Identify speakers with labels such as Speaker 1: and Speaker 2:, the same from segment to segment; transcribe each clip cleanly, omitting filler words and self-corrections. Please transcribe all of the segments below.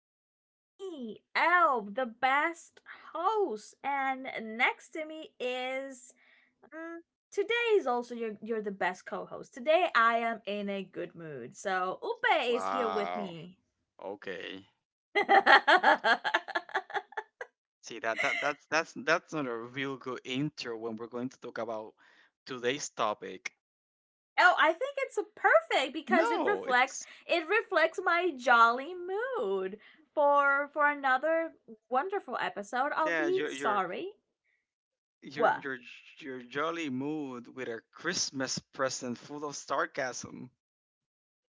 Speaker 1: It is me, Elb, the best host, and next to me is. mm, today is also you're the best co-host. Today I am in a good mood, so Upe is here with
Speaker 2: Wow.
Speaker 1: me.
Speaker 2: Okay.
Speaker 1: Oh, I
Speaker 2: See that's not a real good intro when we're going to talk about today's topic.
Speaker 1: think it's perfect because
Speaker 2: No, it's
Speaker 1: it reflects my jolly mood for another wonderful episode of
Speaker 2: yeah,
Speaker 1: the Sorry
Speaker 2: your
Speaker 1: What
Speaker 2: your your jolly mood with a Christmas present full of sarcasm.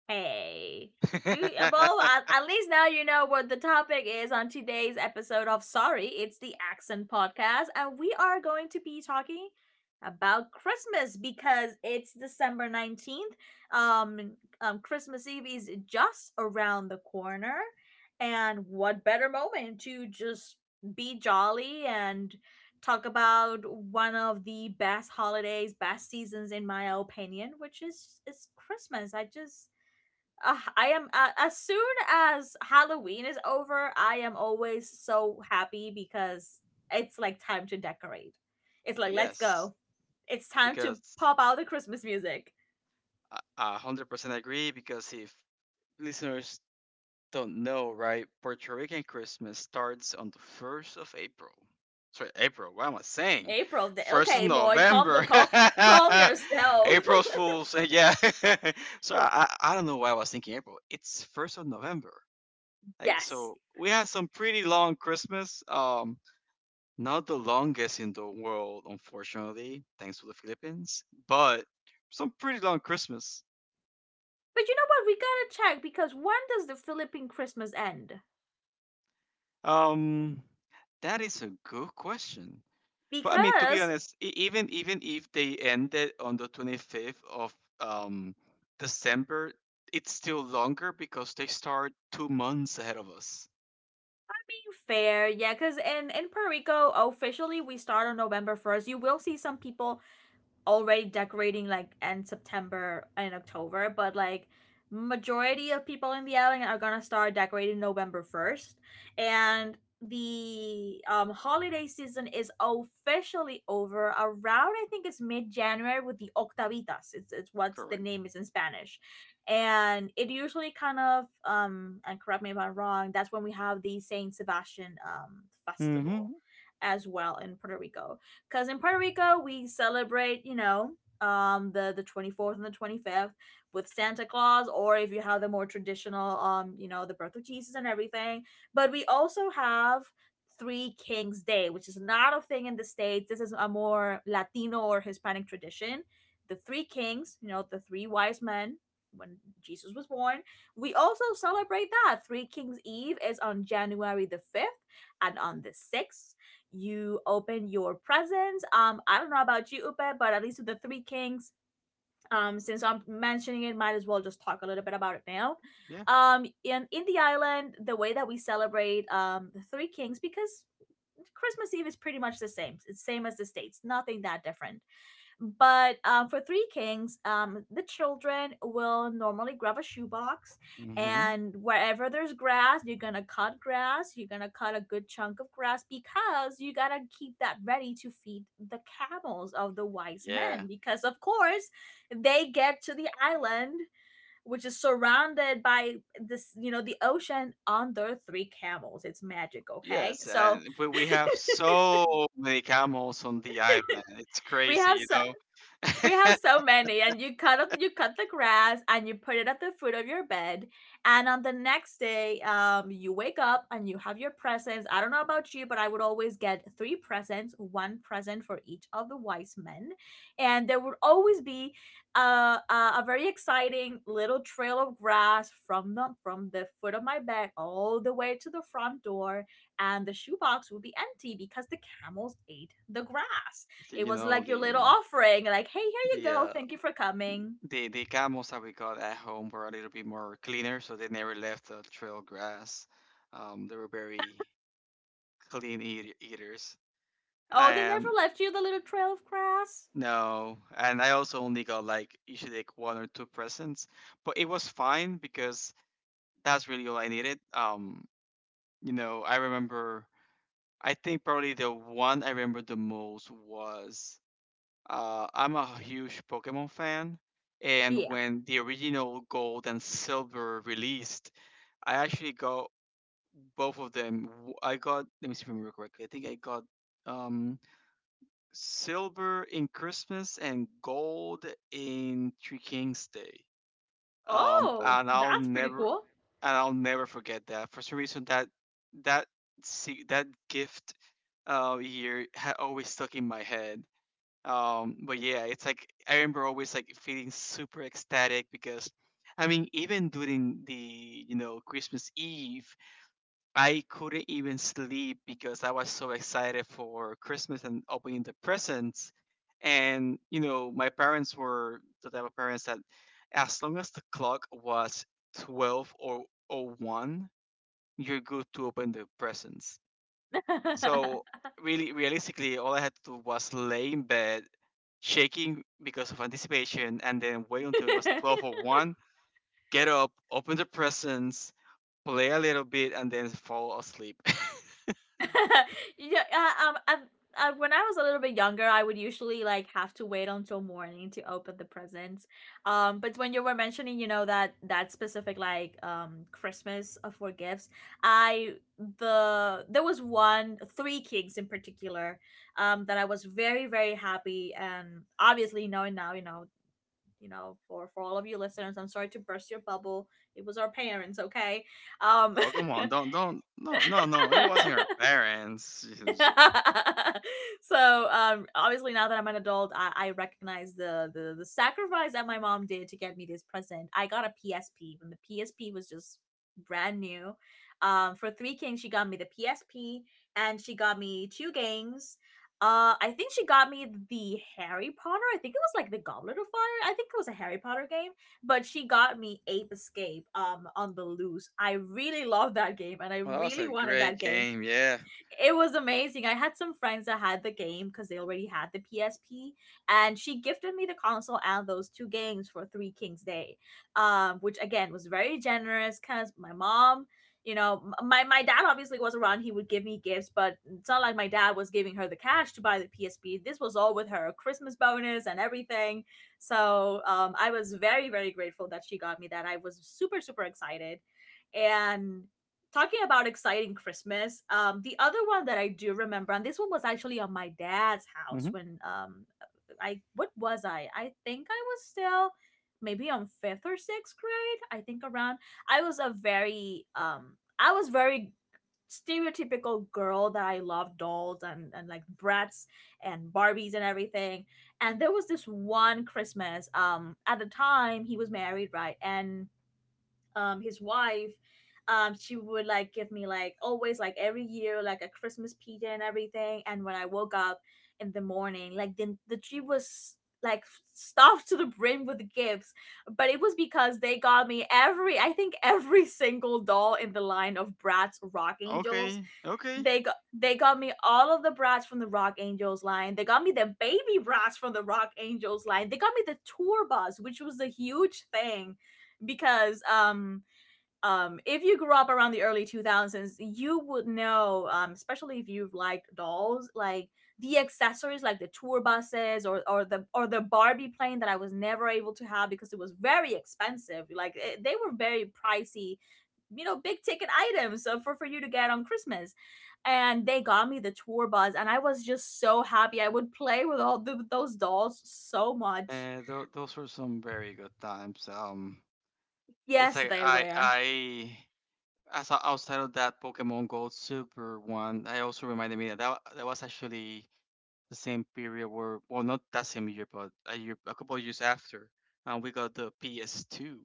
Speaker 1: Hey. You well, at, least now you know what the topic is on today's episode of Sorry, it's the Accent Podcast, and we are going to be talking about Christmas because it's December 19th. Um, Christmas Eve is just around the corner, and what better moment to just be jolly and talk about one of the best holidays, best seasons in my opinion, which is Christmas. I just I am as soon as Halloween is over, I am always so happy because it's like time to decorate. It's like let's
Speaker 2: Yes,
Speaker 1: go. It's time to
Speaker 2: because
Speaker 1: pop out the Christmas music.
Speaker 2: I 100% agree because, if listeners don't know, right, Puerto Rican Christmas starts on the 1st of April. Sorry, April. What am I saying?
Speaker 1: April,
Speaker 2: 1st of
Speaker 1: okay, boy, calm the
Speaker 2: November.
Speaker 1: calm yourself.
Speaker 2: April Fools. Yeah. So I don't know why I was thinking April. It's 1st of November. Like,
Speaker 1: yes,
Speaker 2: so we had some pretty long Christmas. Not the longest in the world, unfortunately, thanks to the Philippines, but some pretty long Christmas.
Speaker 1: but you know what? We gotta check. Because when does the Philippine Christmas end?
Speaker 2: Um, that is a good question. But I mean, to be
Speaker 1: Because
Speaker 2: honest, even if they ended on the 25th of um, December, it's still longer because they start 2 months ahead of us.
Speaker 1: being fair, yeah, because in Puerto Rico officially we start on November 1st. You will see some people already decorating like end September and October, but like majority of people in the island are gonna start decorating November 1st, and the holiday season is officially over around I think it's mid January with the Octavitas. It's what's the
Speaker 2: Correct.
Speaker 1: name is in Spanish, and it usually kind of and correct me if I'm wrong. That's when we have the Saint Sebastian festival
Speaker 2: Mm-hmm.
Speaker 1: as well in Puerto Rico because in Puerto Rico we celebrate, you know, the 24th and the 25th with Santa Claus, or if you have the more traditional, you know, the birth of Jesus and everything. But we also have Three Kings Day, which is not a thing in the states. This is a more Latino or Hispanic tradition. The three kings, you know, the three wise men when Jesus was born. We also celebrate that. Three Kings Eve is on January the 5th, and on the 6th you open your presents. I don't know about you, Upe, but at least with the Three Kings, since I'm mentioning it, might as well just talk a little bit about it now.
Speaker 2: Yeah.
Speaker 1: In the island, the way that we celebrate the Three Kings, because Christmas Eve is pretty much the same. It's the same as the states, nothing that different. But for Three Kings, the children will normally grab a shoebox,
Speaker 2: Mm-hmm.
Speaker 1: and wherever there's grass, you're gonna cut grass. You're gonna cut a good chunk of grass because you gotta keep that ready to feed the camels of the wise
Speaker 2: Yeah.
Speaker 1: men. Because of course, they get to the island, which is surrounded by this, you know, the ocean on their three camels. It's magic, okay?
Speaker 2: Yes,
Speaker 1: So
Speaker 2: and we have so many camels on the island. It's
Speaker 1: we
Speaker 2: crazy,
Speaker 1: have
Speaker 2: you
Speaker 1: so
Speaker 2: know.
Speaker 1: We have so many, and you cut the grass, and you put it at the foot of your bed. And on the next day, you wake up and you have your presents. I don't know about you, but I would always get three presents, one present for each of the wise men, and there would always be a a, a very exciting little trail of grass from the foot of my bed all the way to the front door, and the shoebox would be empty because the camels ate the grass. It
Speaker 2: you
Speaker 1: was
Speaker 2: know
Speaker 1: like your little
Speaker 2: the
Speaker 1: offering, like, hey, here you
Speaker 2: the
Speaker 1: go.
Speaker 2: uh,
Speaker 1: Thank you for coming.
Speaker 2: the camels that we got at home were a little bit more cleaner, so they never left the trail grass. They were very clean eaters. I
Speaker 1: Oh, they never
Speaker 2: am
Speaker 1: left you the little trail of grass?
Speaker 2: No, and I also only got like usually like one or two presents, but it was fine because that's really all I needed. I remember. I think probably the one I remember the most was I'm a huge Pokemon fan, and
Speaker 1: Yeah.
Speaker 2: when the original Gold and Silver released I actually got both of them. I got, let me see if I remember correctly. I think I got um silver in Christmas and gold in Three Kings Day. Um,
Speaker 1: Oh,
Speaker 2: and I'll
Speaker 1: that's pretty
Speaker 2: never
Speaker 1: cool.
Speaker 2: and I'll never forget that. For some reason, that see that gift year had always stuck in my head. But yeah, it's like I remember always like feeling super ecstatic because I mean, even during the Christmas Eve I couldn't even sleep because I was so excited for Christmas and opening the presents. And, my parents were the type of parents that as long as the clock was 12 or 01, you're good to open the presents. So, really, realistically, all I had to do was lay in bed, shaking because of anticipation, and then wait until it was 12 or 1, get up, open the presents, play a little bit, and then fall asleep.
Speaker 1: yeah, when I was a little bit younger, I would usually like have to wait until morning to open the presents. But when you were mentioning, you know, that that specific like Christmas for gifts, I the there was one Three Kings in particular, that I was very very happy and obviously knowing now, you know. You know, for all of you listeners, I'm sorry to burst your bubble. It was our parents, okay? Um,
Speaker 2: Oh, come on. Don't, don't. No, no, no. It wasn't our parents.
Speaker 1: so obviously now that I'm an adult, I recognize the the sacrifice that my mom did to get me this present. I got a PSP when the PSP was just brand new. For Three Kings, she got me the PSP and she got me two games. I think she got me the Harry Potter. I think it was like the Goblet of Fire. I think it was a Harry Potter game, but she got me Ape Escape on the loose. I really loved that game and I
Speaker 2: Well, that was
Speaker 1: really
Speaker 2: a
Speaker 1: wanted
Speaker 2: great
Speaker 1: that game.
Speaker 2: game. Yeah.
Speaker 1: It was amazing. I had some friends that had the game because they already had the PSP, and she gifted me the console and those two games for Three Kings Day, which again was very generous because my mom, you know, my my dad obviously was around. He would give me gifts, but it's not like my dad was giving her the cash to buy the PSP. This was all with her Christmas bonus and everything. So I was very very grateful that she got me that. I was super super excited, and talking about exciting Christmas, the other one that I do remember, and this one was actually on my dad's house
Speaker 2: Hmm.
Speaker 1: when I what was I? I think I was still maybe on fifth or sixth grade. I think around. I was a very I was very stereotypical girl that I loved dolls and like brats and Barbies and everything. And there was this one Christmas. At the time he was married, right, and his wife she would like give me like always like every year like a Christmas pizza and everything, and when I woke up in the morning, like the tree was like stuffed to the brim with gifts, but it was because they got me every, I think every single doll in the line of Bratz Rock Angels.
Speaker 2: Okay. Okay.
Speaker 1: They got me all of the Bratz from the Rock Angels line, they got me the baby Bratz from the Rock Angels line, they got me the tour bus, which was a huge thing because if you grew up around the early 2000s, you would know, especially if you've liked dolls, like the accessories, like the tour buses or the Barbie plane that I was never able to have because it was very expensive. They were very pricey, you know, big ticket items for you to get on Christmas. And they got me the tour bus, and I was just so happy. I would play with those dolls so much.
Speaker 2: Those were some very good times. It's
Speaker 1: Yes,
Speaker 2: like,
Speaker 1: they were.
Speaker 2: outside of that Pokemon Gold Silver one, I also reminded me that that was actually the same period where, well, not that same year, but a year, a couple of years after, we got the PS2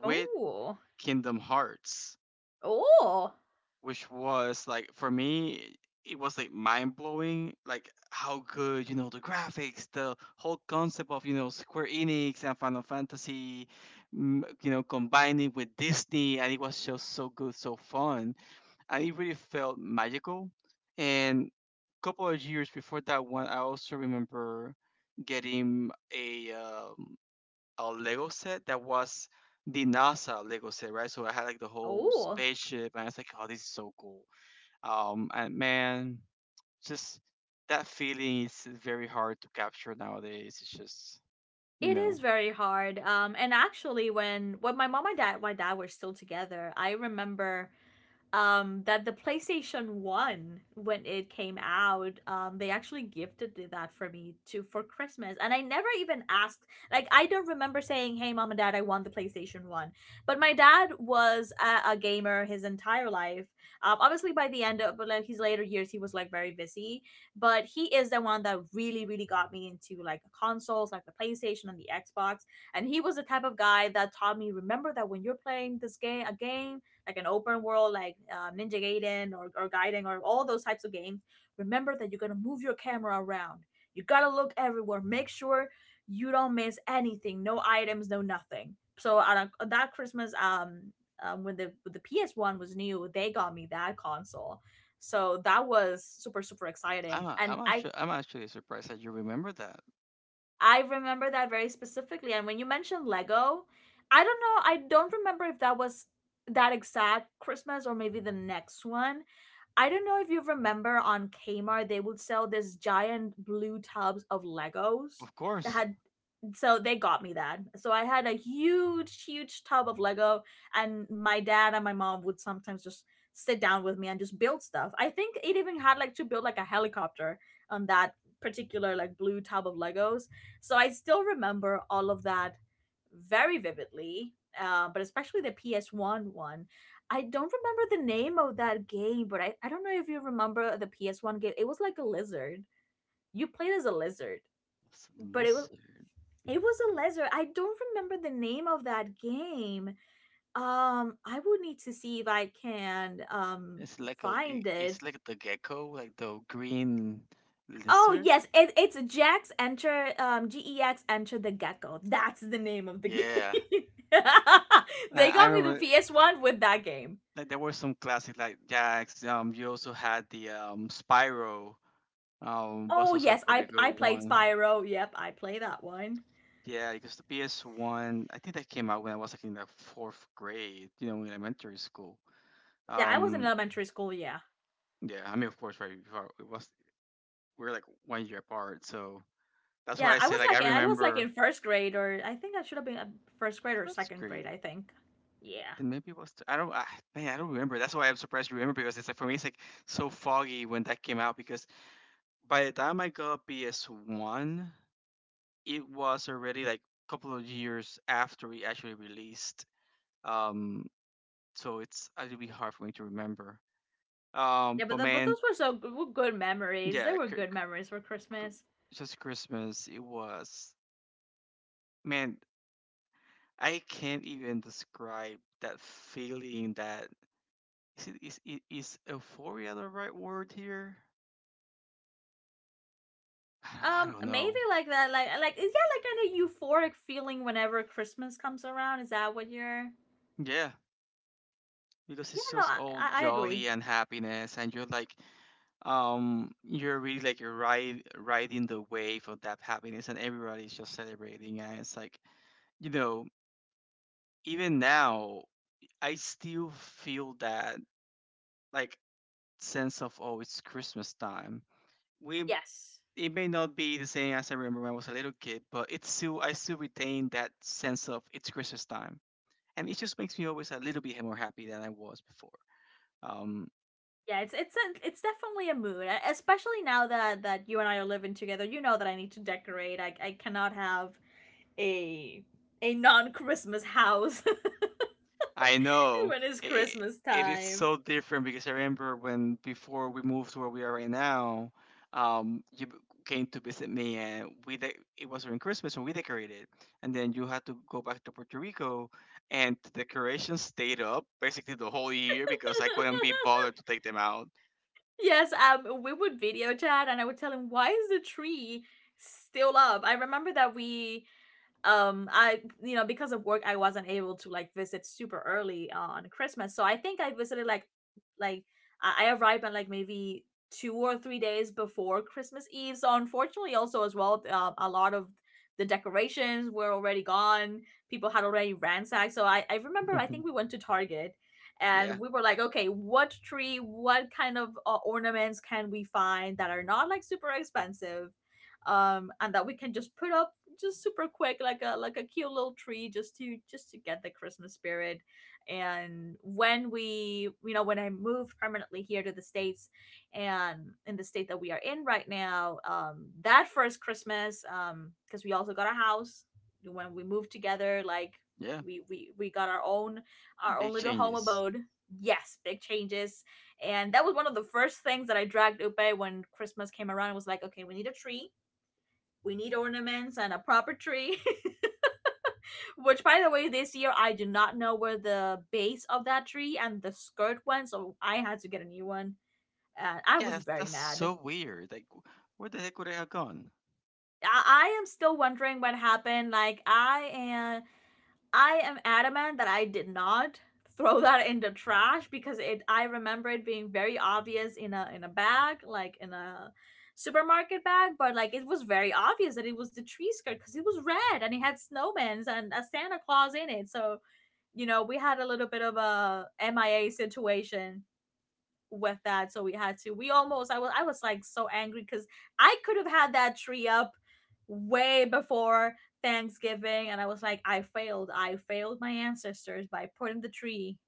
Speaker 2: with
Speaker 1: Oh,
Speaker 2: Kingdom Hearts,
Speaker 1: oh,
Speaker 2: which was like for me it was like mind blowing, like how good, the graphics, the whole concept of, Square Enix and Final Fantasy combining with Disney, and it was just so good, so fun, and it really felt magical. And a couple of years before that one, I also remember getting a Lego set that was the NASA Lego set, right? So I had like the whole
Speaker 1: oh.
Speaker 2: spaceship and I was like, oh, this is so cool. And man, just, that feeling is very hard to capture nowadays. It's just, you
Speaker 1: It
Speaker 2: know,
Speaker 1: is very hard. And actually, when my dad were still together, I remember that the PlayStation 1, when it came out, they actually that for me to for Christmas, and I never even asked. Like, I don't remember saying, hey, mom and dad, I want the PlayStation 1, but my dad was a gamer his entire life. Obviously by the end of like his later years he was like very busy, but he is the one that really really got me into like consoles like the PlayStation and the Xbox, and he was the type of guy that taught me, remember that when you're playing this game a game like an open world like Ninja Gaiden or Gaiden or all those types of games, remember that you're gonna move your camera around. You gotta look everywhere. Make sure you don't miss anything. No items. No nothing. So on that Christmas, when the PS One was new, they got me that console. So that was super super
Speaker 2: I'm
Speaker 1: exciting,
Speaker 2: a,
Speaker 1: and
Speaker 2: I'm actually I'm actually surprised that you remember that.
Speaker 1: I remember that very specifically. And when you mentioned Lego, I don't know, I don't remember if that was that exact Christmas or maybe the next one. I don't know if you remember on Kmart, they would sell this giant blue tubs of Legos
Speaker 2: Of
Speaker 1: that
Speaker 2: course,
Speaker 1: had so they got me that. So I had a huge, huge tub of Lego, and my dad and my mom would sometimes just sit down with me and just build stuff. I think it even had like to build like a helicopter on that particular like blue tub of Legos. So I still remember all of that very vividly. But especially the PS1 one. I don't remember the name of that game, but I don't know if you remember the PS1 game. It was like a lizard. You played as a lizard,
Speaker 2: it's a
Speaker 1: but it
Speaker 2: lizard.
Speaker 1: it was a lizard. I don't remember the name of that game. I would need to see if I can
Speaker 2: It's like
Speaker 1: find
Speaker 2: it's
Speaker 1: it.
Speaker 2: like the gecko, like the green
Speaker 1: Oh
Speaker 2: lizard.
Speaker 1: yes, it's Jax Enter GEX Enter the Gecko. That's the name of the game.
Speaker 2: Yeah, I,
Speaker 1: They
Speaker 2: I
Speaker 1: got me the
Speaker 2: remember.
Speaker 1: PS One with that game.
Speaker 2: Like there were some classic like Jax. You also had the Spyro. Was
Speaker 1: Oh
Speaker 2: also a
Speaker 1: yes,
Speaker 2: pretty
Speaker 1: I
Speaker 2: good
Speaker 1: I played
Speaker 2: one.
Speaker 1: Spyro. Yep, I play that one.
Speaker 2: Yeah, because the PS1, I think that came out when I was like in the fourth grade, in elementary school.
Speaker 1: Yeah, I was in
Speaker 2: Um,
Speaker 1: elementary school. Yeah,
Speaker 2: yeah, I mean, of course, right before it was, we were like one year apart, so that's why
Speaker 1: yeah,
Speaker 2: I
Speaker 1: I
Speaker 2: say
Speaker 1: was
Speaker 2: like I
Speaker 1: like
Speaker 2: remember
Speaker 1: in first grade, or I think I should have been first grade or
Speaker 2: first
Speaker 1: second grade.
Speaker 2: grade.
Speaker 1: I think. Yeah.
Speaker 2: Then maybe it was th- I don't I, man, I don't remember. That's why I'm surprised you remember, because it's like for me it's like so foggy when that came out because by the time I got PS1, it was already like a couple of years after we actually released. Um, so it's a little bit hard for me to remember.
Speaker 1: Yeah,
Speaker 2: But
Speaker 1: but
Speaker 2: man,
Speaker 1: those were were good memories. They
Speaker 2: yeah,
Speaker 1: were good memories for
Speaker 2: cr-
Speaker 1: Christmas.
Speaker 2: just Christmas. It was, man, I can't even describe that feeling. That is it, is, I- is euphoria the right word here? I
Speaker 1: Um,
Speaker 2: don't
Speaker 1: maybe
Speaker 2: know.
Speaker 1: like that, like is that like kind of euphoric feeling whenever Christmas comes around? Is that what you're?
Speaker 2: Yeah, because
Speaker 1: Yeah,
Speaker 2: it's
Speaker 1: no,
Speaker 2: just
Speaker 1: I
Speaker 2: all
Speaker 1: I I agree.
Speaker 2: jolly and happiness, and you're like, you're really like riding the wave of that happiness, and everybody's just celebrating, and it's like, you know, even now, I still feel that, like, sense of, oh, it's Christmas time. We
Speaker 1: Yes.
Speaker 2: It may not be the same as I remember when I was a little kid, but it's still I still retain that sense of it's Christmas time, and it just makes me always a little bit more happy than I was before. Um,
Speaker 1: Yeah, it's definitely a mood, especially now that you and I are living together. You know that I need to decorate. I cannot have a a non Christmas house
Speaker 2: I know.
Speaker 1: when it's
Speaker 2: It,
Speaker 1: Christmas
Speaker 2: it is
Speaker 1: time.
Speaker 2: so different because I remember when before we moved to where we are right now, you came to visit me, and it was during Christmas and we decorated, and then you had to go back to Puerto Rico, and the decorations stayed up basically the whole year because I couldn't be bothered to take them out.
Speaker 1: Yes, we would video chat and I would tell him, why is the tree still up? I remember that we I you know because of work I wasn't able to like visit super early on Christmas, so I think I visited like I arrived on like maybe 2 or 3 days before Christmas Eve. So unfortunately also as well, a lot of the decorations were already gone. People had already ransacked, so I remember I think we went to Target and
Speaker 2: Yeah,
Speaker 1: we were like, okay, what tree, what kind of ornaments can we find that are not like super expensive, and that we can just put up, just super quick, like a cute little tree, just to get the Christmas spirit. And when we, you know, when I moved permanently here to the States, and in the state that we are in right now, that first Christmas, because we also got a house when we moved together, like
Speaker 2: yeah,
Speaker 1: we got our own, our own
Speaker 2: big
Speaker 1: little home
Speaker 2: changes.
Speaker 1: abode. Yes, big changes. And that was one of the first things that I dragged upe when Christmas came around. It was like, okay, we need a tree, we need ornaments and a proper tree. Which by the way, this year I do not know where the base of that tree and the skirt went, so I had to get a new one, and I
Speaker 2: Yeah,
Speaker 1: was
Speaker 2: that's,
Speaker 1: very
Speaker 2: that's
Speaker 1: mad.
Speaker 2: so weird. Like, where the heck would I have gone?
Speaker 1: I am still wondering what happened. Like I am adamant that I did not throw that in the trash, because it I remember it being very obvious in a bag, like in a supermarket bag, but like it was very obvious that it was the tree skirt because it was red and it had snowmen and a Santa Claus in it. So, you know, we had a little bit of a MIA situation with that. So we had to we almost I was like so angry because I could have had that tree up way before Thanksgiving. And I was like, I failed my ancestors by putting the tree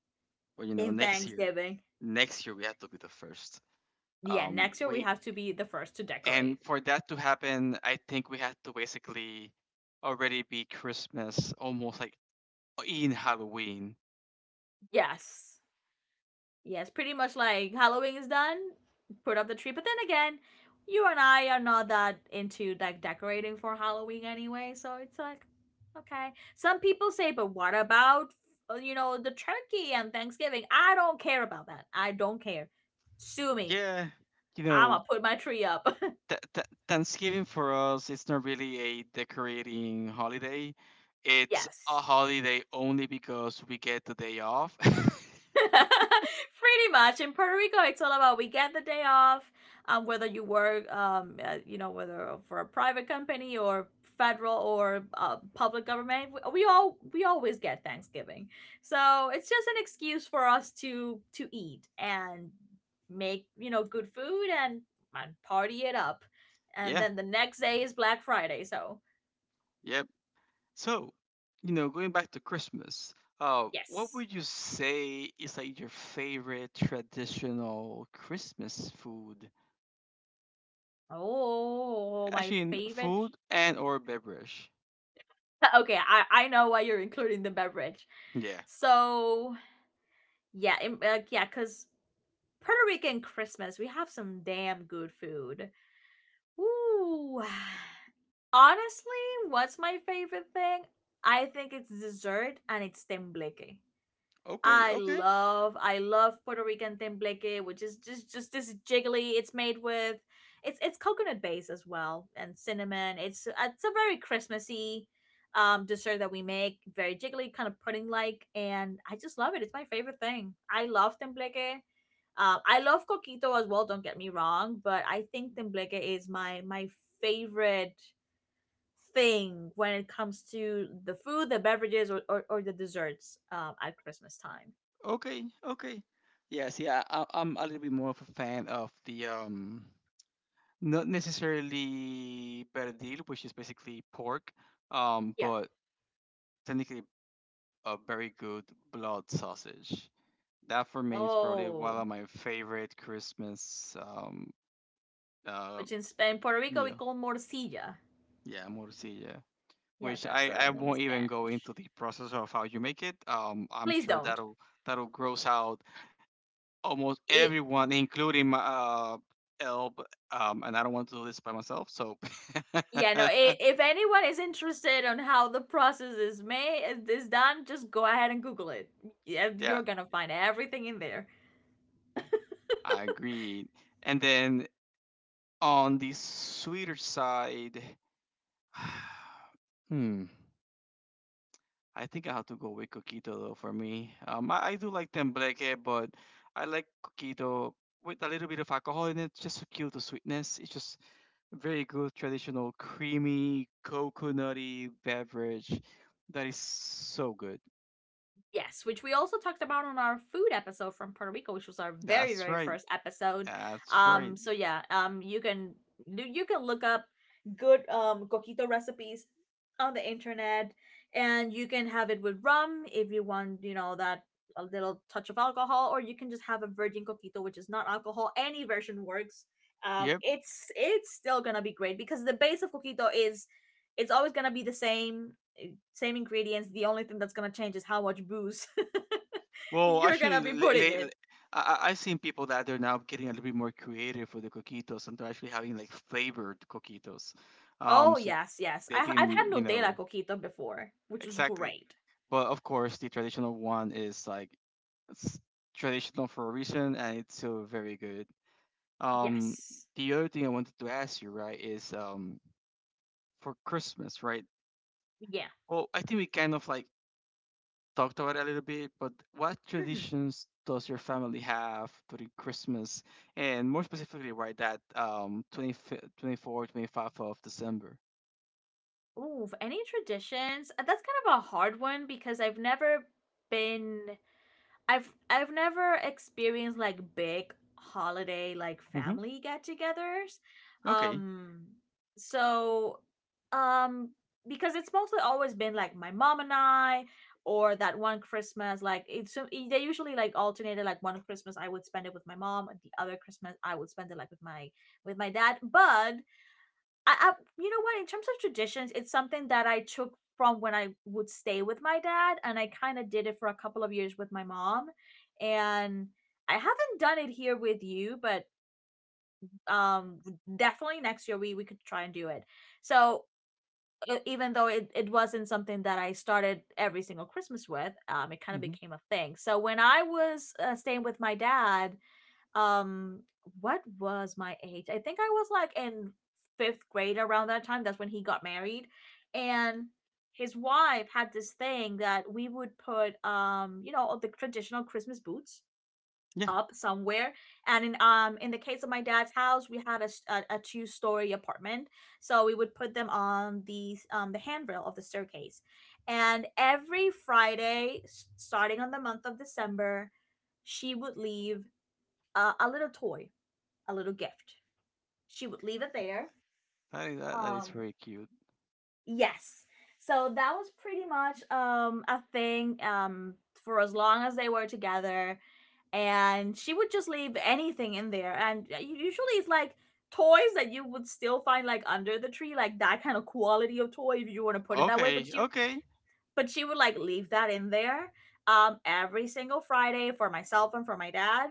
Speaker 2: Well,
Speaker 1: in
Speaker 2: next year.
Speaker 1: Thanksgiving.
Speaker 2: Next year we have to be the first.
Speaker 1: Yeah, next year we
Speaker 2: We
Speaker 1: have to be the first to
Speaker 2: and
Speaker 1: decorate.
Speaker 2: For that to happen, I think we had to basically already be Christmas, almost like in Halloween.
Speaker 1: Yes. Yes, pretty much like Halloween is done, put up the tree. But then again, you and I are not that into like decorating for Halloween anyway, so it's like okay. Some people say, but what about you know, the turkey and Thanksgiving? I don't care about that. I don't care. Sue me.
Speaker 2: Yeah, you
Speaker 1: I'ma
Speaker 2: know
Speaker 1: put my tree up.
Speaker 2: Thanksgiving for us, it's not really a decorating holiday. It's a
Speaker 1: Yes.
Speaker 2: holiday only because we get the day off.
Speaker 1: Pretty much in Puerto Rico, it's all about we get the day off. Whether you work, you know, whether for a private company or federal or public government, we always get Thanksgiving. So it's just an excuse for us to eat and make, you know, good food and party it up. And
Speaker 2: Yeah.
Speaker 1: then the next day is Black Friday. So
Speaker 2: Yep. So, going back to Christmas, what
Speaker 1: yes,
Speaker 2: would you say is like your favorite traditional Christmas food?
Speaker 1: oh my
Speaker 2: Actually, in
Speaker 1: favorite.
Speaker 2: food and or beverage.
Speaker 1: Okay, I know why you're including the beverage.
Speaker 2: Yeah.
Speaker 1: So yeah, in, yeah, because Puerto Rican Christmas, we have some damn good food. Ooh, honestly, what's my favorite thing? I think it's dessert, and it's tembleque.
Speaker 2: Okay. Okay.
Speaker 1: I love Puerto Rican tembleque, which is just this jiggly. It's made with it's coconut base as well and cinnamon. It's a very Christmassy dessert that we make, very jiggly, kind of pudding like, and I just love it. It's my favorite thing. I love tembleque. I love coquito as well. Don't get me wrong, but I think tembleque is my favorite thing when it comes to the food, the beverages, or the desserts at Christmas time.
Speaker 2: Okay. Okay. Yeah. See, I'm a little bit more of a fan of the not necessarily perdil, which is basically pork,
Speaker 1: Yeah.
Speaker 2: but technically a very good blood sausage. That for me is probably one
Speaker 1: Oh,
Speaker 2: of my favorite Christmas uh
Speaker 1: which in Spain, Puerto Rico, we
Speaker 2: meal.
Speaker 1: call morcilla.
Speaker 2: Yeah, morcilla,
Speaker 1: Yeah,
Speaker 2: which
Speaker 1: that's
Speaker 2: I,
Speaker 1: a
Speaker 2: I
Speaker 1: name in
Speaker 2: won't even go
Speaker 1: Spanish.
Speaker 2: into the process of how you make it. I'm
Speaker 1: Please
Speaker 2: sure
Speaker 1: don't.
Speaker 2: that'll gross out almost
Speaker 1: It.
Speaker 2: everyone, including my Elb. And I don't want to do this by myself. So
Speaker 1: Yeah, no. I If anyone is interested on how the process is made is done, just go ahead and Google it. Yeah,
Speaker 2: yeah,
Speaker 1: you're gonna find everything in there.
Speaker 2: I agree. And then on the sweeter side, hmm, I think I have to go with coquito though for me. I do like tembleque, but I like coquito with a little bit of alcohol in it, just to kill the sweetness. It's just very good traditional creamy coconutty beverage that is so good.
Speaker 1: Yes, which we also talked about on our food episode from Puerto Rico, which was our very
Speaker 2: That's
Speaker 1: very
Speaker 2: right.
Speaker 1: first episode.
Speaker 2: That's right.
Speaker 1: So yeah, you can look up good coquito recipes on the internet, and you can have it with rum if you want, you know, that a little touch of alcohol, or you can just have a virgin coquito, which is not alcohol. Any version works.
Speaker 2: Yep.
Speaker 1: It's still gonna be great because the base of coquito is it's always gonna be the same ingredients. The only thing that's gonna change is how much booze
Speaker 2: Well,
Speaker 1: you're gonna
Speaker 2: actually,
Speaker 1: be putting in.
Speaker 2: I've seen people that they're now getting a little bit more creative with the coquitos, and they're actually having like flavored coquitos.
Speaker 1: Oh
Speaker 2: So
Speaker 1: yes, yes.
Speaker 2: they've
Speaker 1: I've had
Speaker 2: been,
Speaker 1: Nutella coquito before, which was
Speaker 2: exactly.
Speaker 1: great.
Speaker 2: But of course, the traditional one is like, it's traditional for a reason, and it's still very good. Um,
Speaker 1: Yes.
Speaker 2: the other thing I wanted to ask you, right, is for Christmas, right?
Speaker 1: Yeah.
Speaker 2: Well, I think we kind of like talked about it a little bit, but what
Speaker 1: Mm-hmm.
Speaker 2: traditions does your family have during Christmas, and more specifically, right, that 25 24, 25th of December?
Speaker 1: Ooh, any traditions? That's kind of a hard one because I've never been I've never experienced like big holiday like
Speaker 2: Mm-hmm.
Speaker 1: family get-togethers.
Speaker 2: Okay.
Speaker 1: Um so um because it's mostly always been like my mom and I, or that one Christmas like they usually like alternated, like one Christmas I would spend it with my mom and the other Christmas I would spend it like with my dad. But I you know what, in terms of traditions, it's something that I took from when I would stay with my dad, and I kind of did it for a couple of years with my mom, and I haven't done it here with you, but um definitely next year we could try and do it. So even though it wasn't something that I started every single Christmas with, it kind of
Speaker 2: Mm-hmm.
Speaker 1: became a thing. So when I was staying with my dad, um what was my age? I think I was like in fifth grade around that time. That's when he got married. And his wife had this thing that we would put, you know, the traditional Christmas boots
Speaker 2: Yeah,
Speaker 1: up somewhere, and in the case of my dad's house we had a two-story apartment, so we would put them on the handrail of the staircase. And every Friday, starting on the month of December, she would leave a little toy, a little gift. She would leave it there.
Speaker 2: that is
Speaker 1: Um,
Speaker 2: very cute.
Speaker 1: yes. So that was pretty much a thing, for as long as they were together. And she would just leave anything in there. And usually it's like toys that you would still find like under the tree, like that kind of quality of toy, if you want to put it that way. But
Speaker 2: Okay,
Speaker 1: she,
Speaker 2: okay.
Speaker 1: but she would like leave that in there every single Friday for myself and for my dad.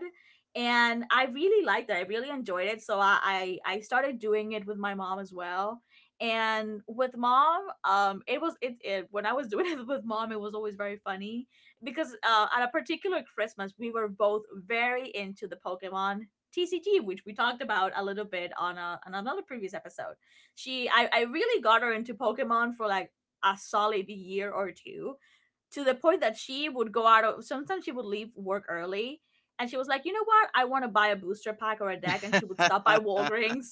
Speaker 1: And I really liked it. I really enjoyed it. So I started doing it with my mom as well. And with mom, it was it when I was doing it with mom, it was always very funny because at a particular Christmas, we were both very into the Pokemon TCG, which we talked about a little bit on another previous episode. I really got her into Pokemon for like a solid year or two, to the point that she would go out of sometimes she would leave work early and she was like, you know what? I want to buy a booster pack or a deck. And she would stop by Walgreens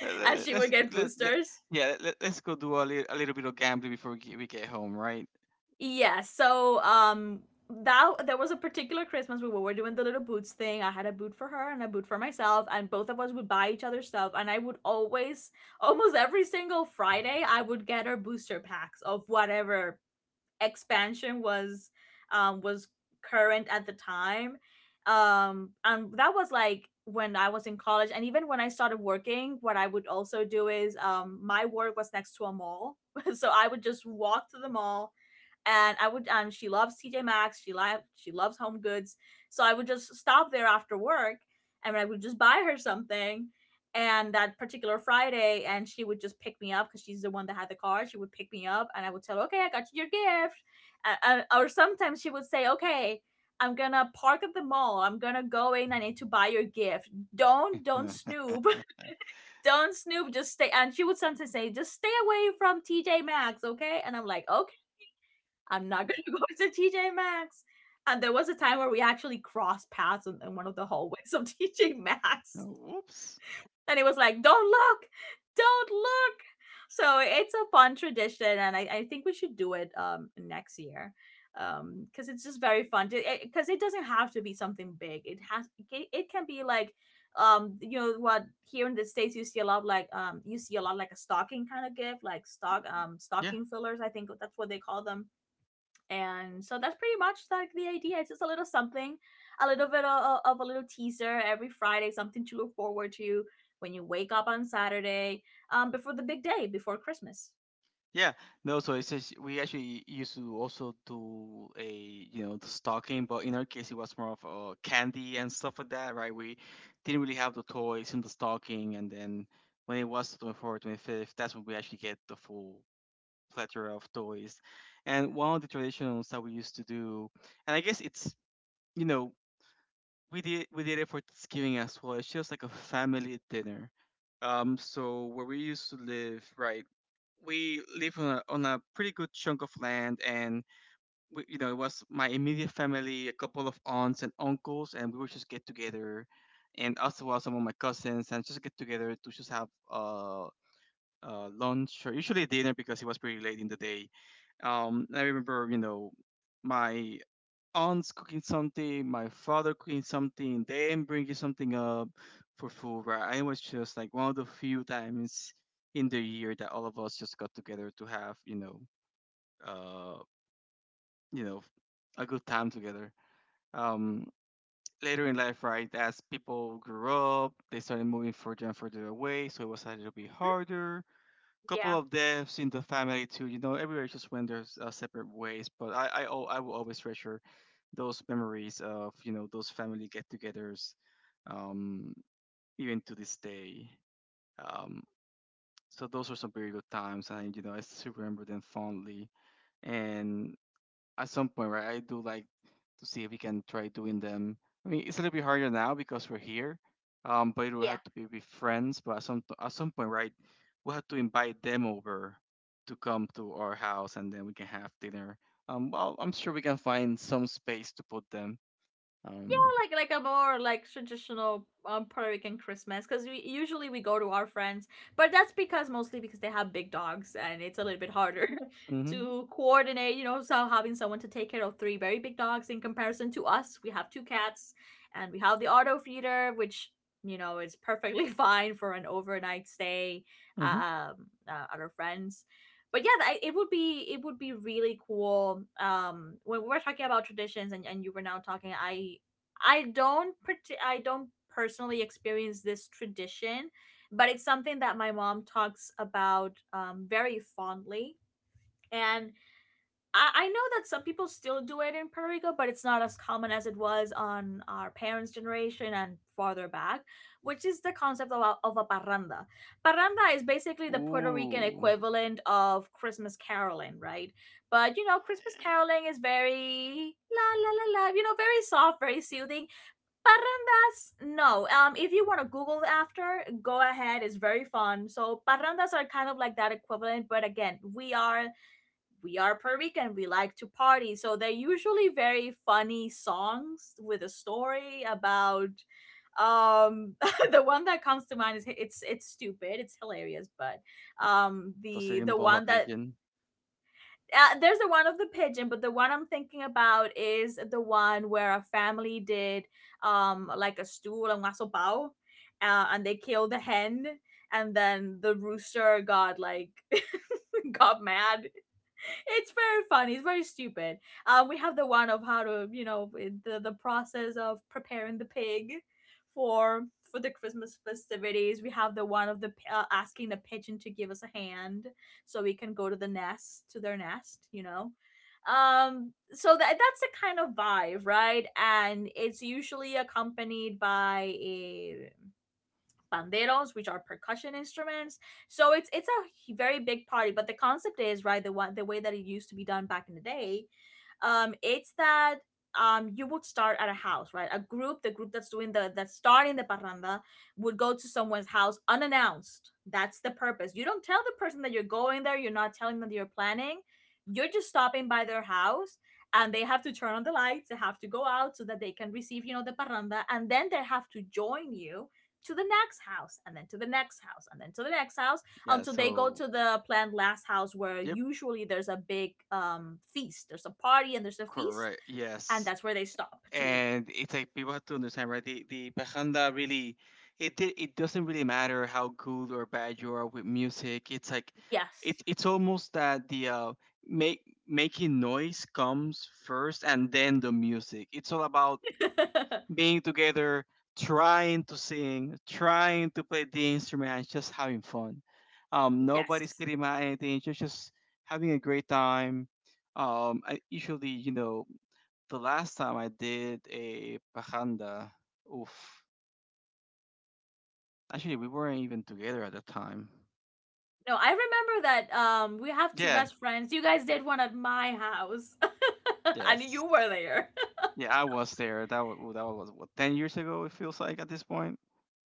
Speaker 2: let,
Speaker 1: and
Speaker 2: let-
Speaker 1: she would
Speaker 2: let's g-
Speaker 1: get
Speaker 2: let, let,
Speaker 1: boosters.
Speaker 2: yeah let, let's go do a little bit of gambling before we get home, right?
Speaker 1: Yeah. So that there was a particular Christmas we were doing the little boots thing. I had a boot for her and a boot for myself, and both of us would buy each other stuff. And I would always, almost every single Friday, I would get her booster packs of whatever expansion was current at the time. And that was like when I was in college, and even when I started working, what I would also do is, my work was next to a mall, so I would just walk to the mall. And I would, she loves TJ Maxx, she she loves Home Goods, so I would just stop there after work, and I would just buy her something. And that particular Friday, and she would just pick me up because she's the one that had the car. She would pick me up, and I would tell her, "Okay, I got you your gift," uh, or sometimes she would say, "Okay. I'm gonna park at the mall. I'm gonna go in. I need to buy your gift. Don't
Speaker 2: Oh.
Speaker 1: don't snoop." "Don't snoop. Just stay." And she would sometimes say, "Just stay away from TJ Maxx, okay?" And I'm like, "Okay, I'm not gonna go to TJ Maxx." And there was a time where we actually crossed paths in, one of the hallways of TJ Maxx,
Speaker 2: Whoops.
Speaker 1: and it was like, "Don't look, don't look." So it's a fun tradition, and I think we should do it next year, because it's just very fun. Because it doesn't have to be something big. It has it it can be like, you know what, here in the States you see a lot of like, you see a lot of like a stocking kind of gift, like
Speaker 2: Yeah,
Speaker 1: stocking fillers, I think that's what they call them. And so that's pretty much like the idea. It's just a little something, a little bit of a little teaser every Friday, something to look forward to when you wake up on Saturday, before the big day, before Christmas.
Speaker 2: yeah, no, so it says we actually used to also do, a you know the stocking, but in our case it was more of candy and stuff like that, right? We didn't really have the toys in the stocking, and then when it was the 24th 25th, that's when we actually get the full plethora of toys. And one of the traditions that we used to do, and I guess it's, you know we did it for Thanksgiving as well. It's just like a family dinner. So where we used to live, right? We live on a pretty good chunk of land, and we, you know, it was my immediate family, a couple of aunts and uncles, and we would just get together, and also, well, some of my cousins, and just get together to just have lunch or usually dinner because it was pretty late in the day. I remember, you know, my aunt's cooking something, my father cooking something, them bringing something up for food. Right? I was just like one of the few times in the year that all of us just got together to have, you know, uh, you know, a good time together. Um, later in life, right, as people grew up, they started moving further and further away, so it was a little bit
Speaker 1: Hmm?
Speaker 2: harder. Couple
Speaker 1: Yeah.
Speaker 2: of deaths in the family too. You know, everywhere just went, there's separate ways. But I will always treasure those memories of, you know, those family get-togethers, um, even to this day. Um, so those were some very good times, and you know, I still remember them fondly. And at some point, right, I do like to see if we can try doing them. I mean, it's a little bit harder now because we're here, but it will
Speaker 1: Yeah.
Speaker 2: have to be with friends. But at some point, right, we'll have to invite them over to come to our house, and then we can have dinner. Well, I'm sure we can find some space to put them. Um,
Speaker 1: More like a more like traditional, Puerto Rican Christmas, because we usually we go to our friends, but that's because mostly because they have big dogs and it's a little bit harder
Speaker 2: mhm,
Speaker 1: to coordinate. You know, so having someone to take care of three very big dogs in comparison to us, we have two cats, and we have the auto feeder, which, you know, is perfectly fine for an overnight stay,
Speaker 2: mhm.
Speaker 1: at our friends. But yeah, it would be, it would be really cool. When we were talking about traditions, and, you were now talking, I don't personally experience this tradition, but it's something that my mom talks about, very fondly. And I know that some people still do it in Puerto Rico, but it's not as common as it was on our parents' generation and farther back, which is the concept of a, parranda. Parranda is basically the Puerto Rican
Speaker 2: Ooh,
Speaker 1: equivalent of Christmas caroling, right? But you know, Christmas caroling is very la la la la, you know, very soft, very soothing. Parrandas, no. If you want to Google it after, go ahead. It's very fun. So parrandas are kind of like that equivalent, but again, we are Puerto Rican. We like to party, so they're usually very funny songs with a story about. Um, the one that comes to mind is, it's stupid. It's hilarious, but
Speaker 2: does it
Speaker 1: the
Speaker 2: involve a
Speaker 1: one that,
Speaker 2: pigeon?
Speaker 1: there's the one of the pigeon, but the one I'm thinking about is the one where a family did, like a stew, a waso bao, and they killed the hen, and then the rooster got like got mad. It's very funny. It's very stupid. We have the one of how to, you know, the process of preparing the pig for the Christmas festivities. We have the one of the asking the pigeon to give us a hand so we can go to the nest, to their nest. You know, so that, that's the kind of vibe, right? And it's usually accompanied by a banderos, which are percussion instruments. So it's a very big party, but the concept is, right, the way that it used to be done back in the day, it's that, you would start at a house, right, a group the group that's doing the, that's starting the parranda, would go to someone's house unannounced. That's the purpose. You don't tell the person that you're going there, you're not telling them that you're planning, you're just stopping by their house, and they have to turn on the lights, they have to go out so that they can receive, you know, the parranda, and then they have to join you to the next house, and then to the next house, and then to the next house,
Speaker 2: Yeah.
Speaker 1: until they go
Speaker 2: So,
Speaker 1: to the planned last house where
Speaker 2: yep,
Speaker 1: usually there's a big feast. There's a party and there's a feast,
Speaker 2: correct.
Speaker 1: and
Speaker 2: Yes.
Speaker 1: that's where they stop to eat.
Speaker 2: And it's like people have to understand, right, the bajanda, really, it doesn't really matter how good or bad you are with music. It's like it,
Speaker 1: Yes.
Speaker 2: it's almost that the make making noise comes first and then the music. It's all about being together, trying to sing, trying to play the instrument, and just having fun. Um, nobody's
Speaker 1: Yes.
Speaker 2: getting mad at anything. You're just having a great time. Usually, you know, the last time I did a pajanda, oof. Actually, we weren't even together at the time.
Speaker 1: No, I remember that, we have two
Speaker 2: Yeah,
Speaker 1: best friends. You guys did one at my house. And
Speaker 2: yes.
Speaker 1: you were there.
Speaker 2: Yeah, I was there. That was what, 10 years ago it feels like at this point.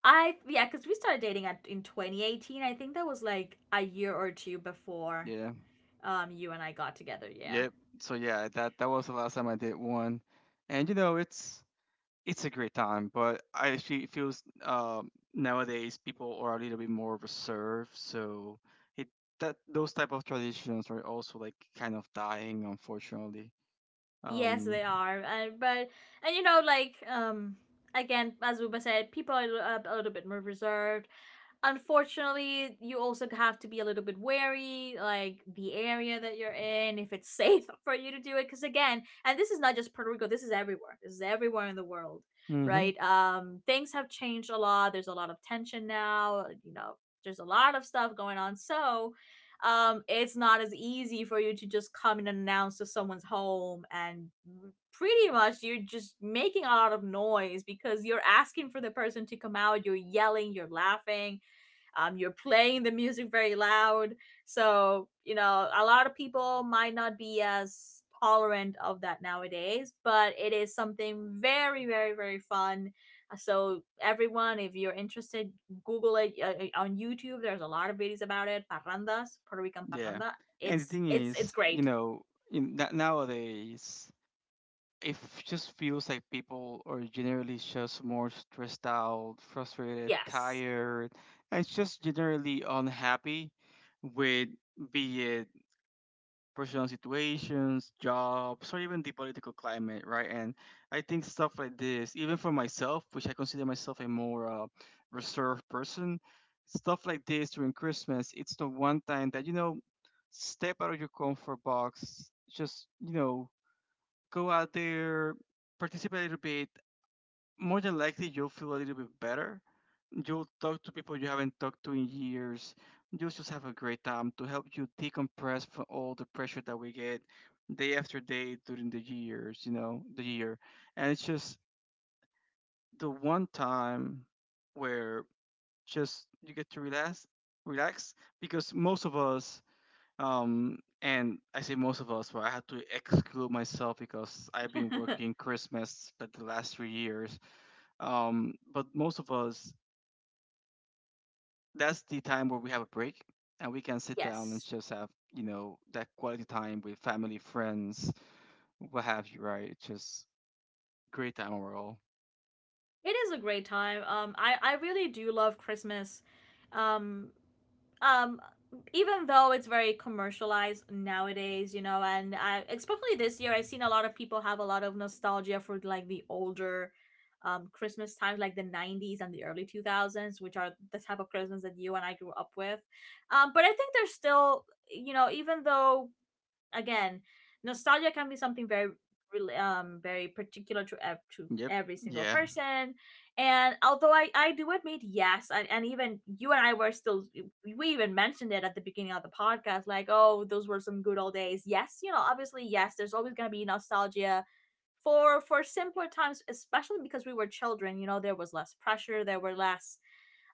Speaker 1: I, yeah, because we started dating at, in 2018. I think that was like a year or two before,
Speaker 2: Yeah.
Speaker 1: you and I got together, yeah.
Speaker 2: Yep. So yeah, that that was the last time I did one. And you know, it's a great time, but I actually feels nowadays people are a little bit more reserved, so it that those type of traditions are also like kind of dying, unfortunately.
Speaker 1: Yes, they
Speaker 2: Um,
Speaker 1: are. And but, and you know, like, again as Uba said, people are a little bit more reserved. Unfortunately, you also have to be a little bit wary, like the area that you're in, if it's safe for you to do it. Because again, and this is not just Puerto Rico, this is everywhere, this is everywhere in the world,
Speaker 2: mm-hmm.
Speaker 1: right? Um, things have changed a lot. There's a lot of tension now, you know, there's a lot of stuff going on. So, it's not as easy for you to just come and announce to someone's home, and pretty much you're just making a lot of noise, because you're asking for the person to come out, you're yelling, you're laughing, you're playing the music very loud. So you know, a lot of people might not be as tolerant of that nowadays, but it is something very, very, very fun. So everyone, if you're interested, google it, on YouTube there's a lot of videos about it. Parrandas, Puerto Rican
Speaker 2: Yeah.
Speaker 1: parranda,
Speaker 2: And the thing
Speaker 1: it's
Speaker 2: is, you
Speaker 1: great.
Speaker 2: know, in that nowadays, just feels like people are generally just more stressed out, frustrated,
Speaker 1: Yes.
Speaker 2: tired, and just generally unhappy with, be it personal situations, jobs, or even the political climate, right? And I think stuff like this, even for myself, which I consider myself a more reserved person, stuff like this during Christmas, it's the one time that, you know, step out of your comfort box, just, you know, go out there, participate a little bit. More than likely, you'll feel a little bit better. You'll talk to people you haven't talked to in years. You'll just have a great time to help you decompress from all the pressure that we get day after day during the years, you know, the year. And it's just the one time where just you get to relax, relax, because most of us, and I say most of us, but I had to exclude myself because I've been working Christmas like the last 3 years. But most of us, that's the time where we have a break and we can sit down and
Speaker 1: Yes.
Speaker 2: just have, you know, that quality time with family, friends, what have you, right? It's just great time overall.
Speaker 1: It is a great time. Um, I really do love Christmas. um um Even though it's very commercialized nowadays, you know, and especially this year, I've seen a lot of people have a lot of nostalgia for like the older, Christmas times, like the 90s and the early 2000s, which are the type of Christmas that you and I grew up with. But I think there's still, you know, even though, again, nostalgia can be something very, really very particular to to
Speaker 2: Yep.
Speaker 1: every single
Speaker 2: Yeah.
Speaker 1: person. And although I do admit, yes, and, even you and I were still, we even mentioned it at the beginning of the podcast, like, oh, those were some good old days. Yes, you know, obviously, yes, there's always going to be nostalgia for, simpler times, especially because we were children. You know, there was less pressure, there were less,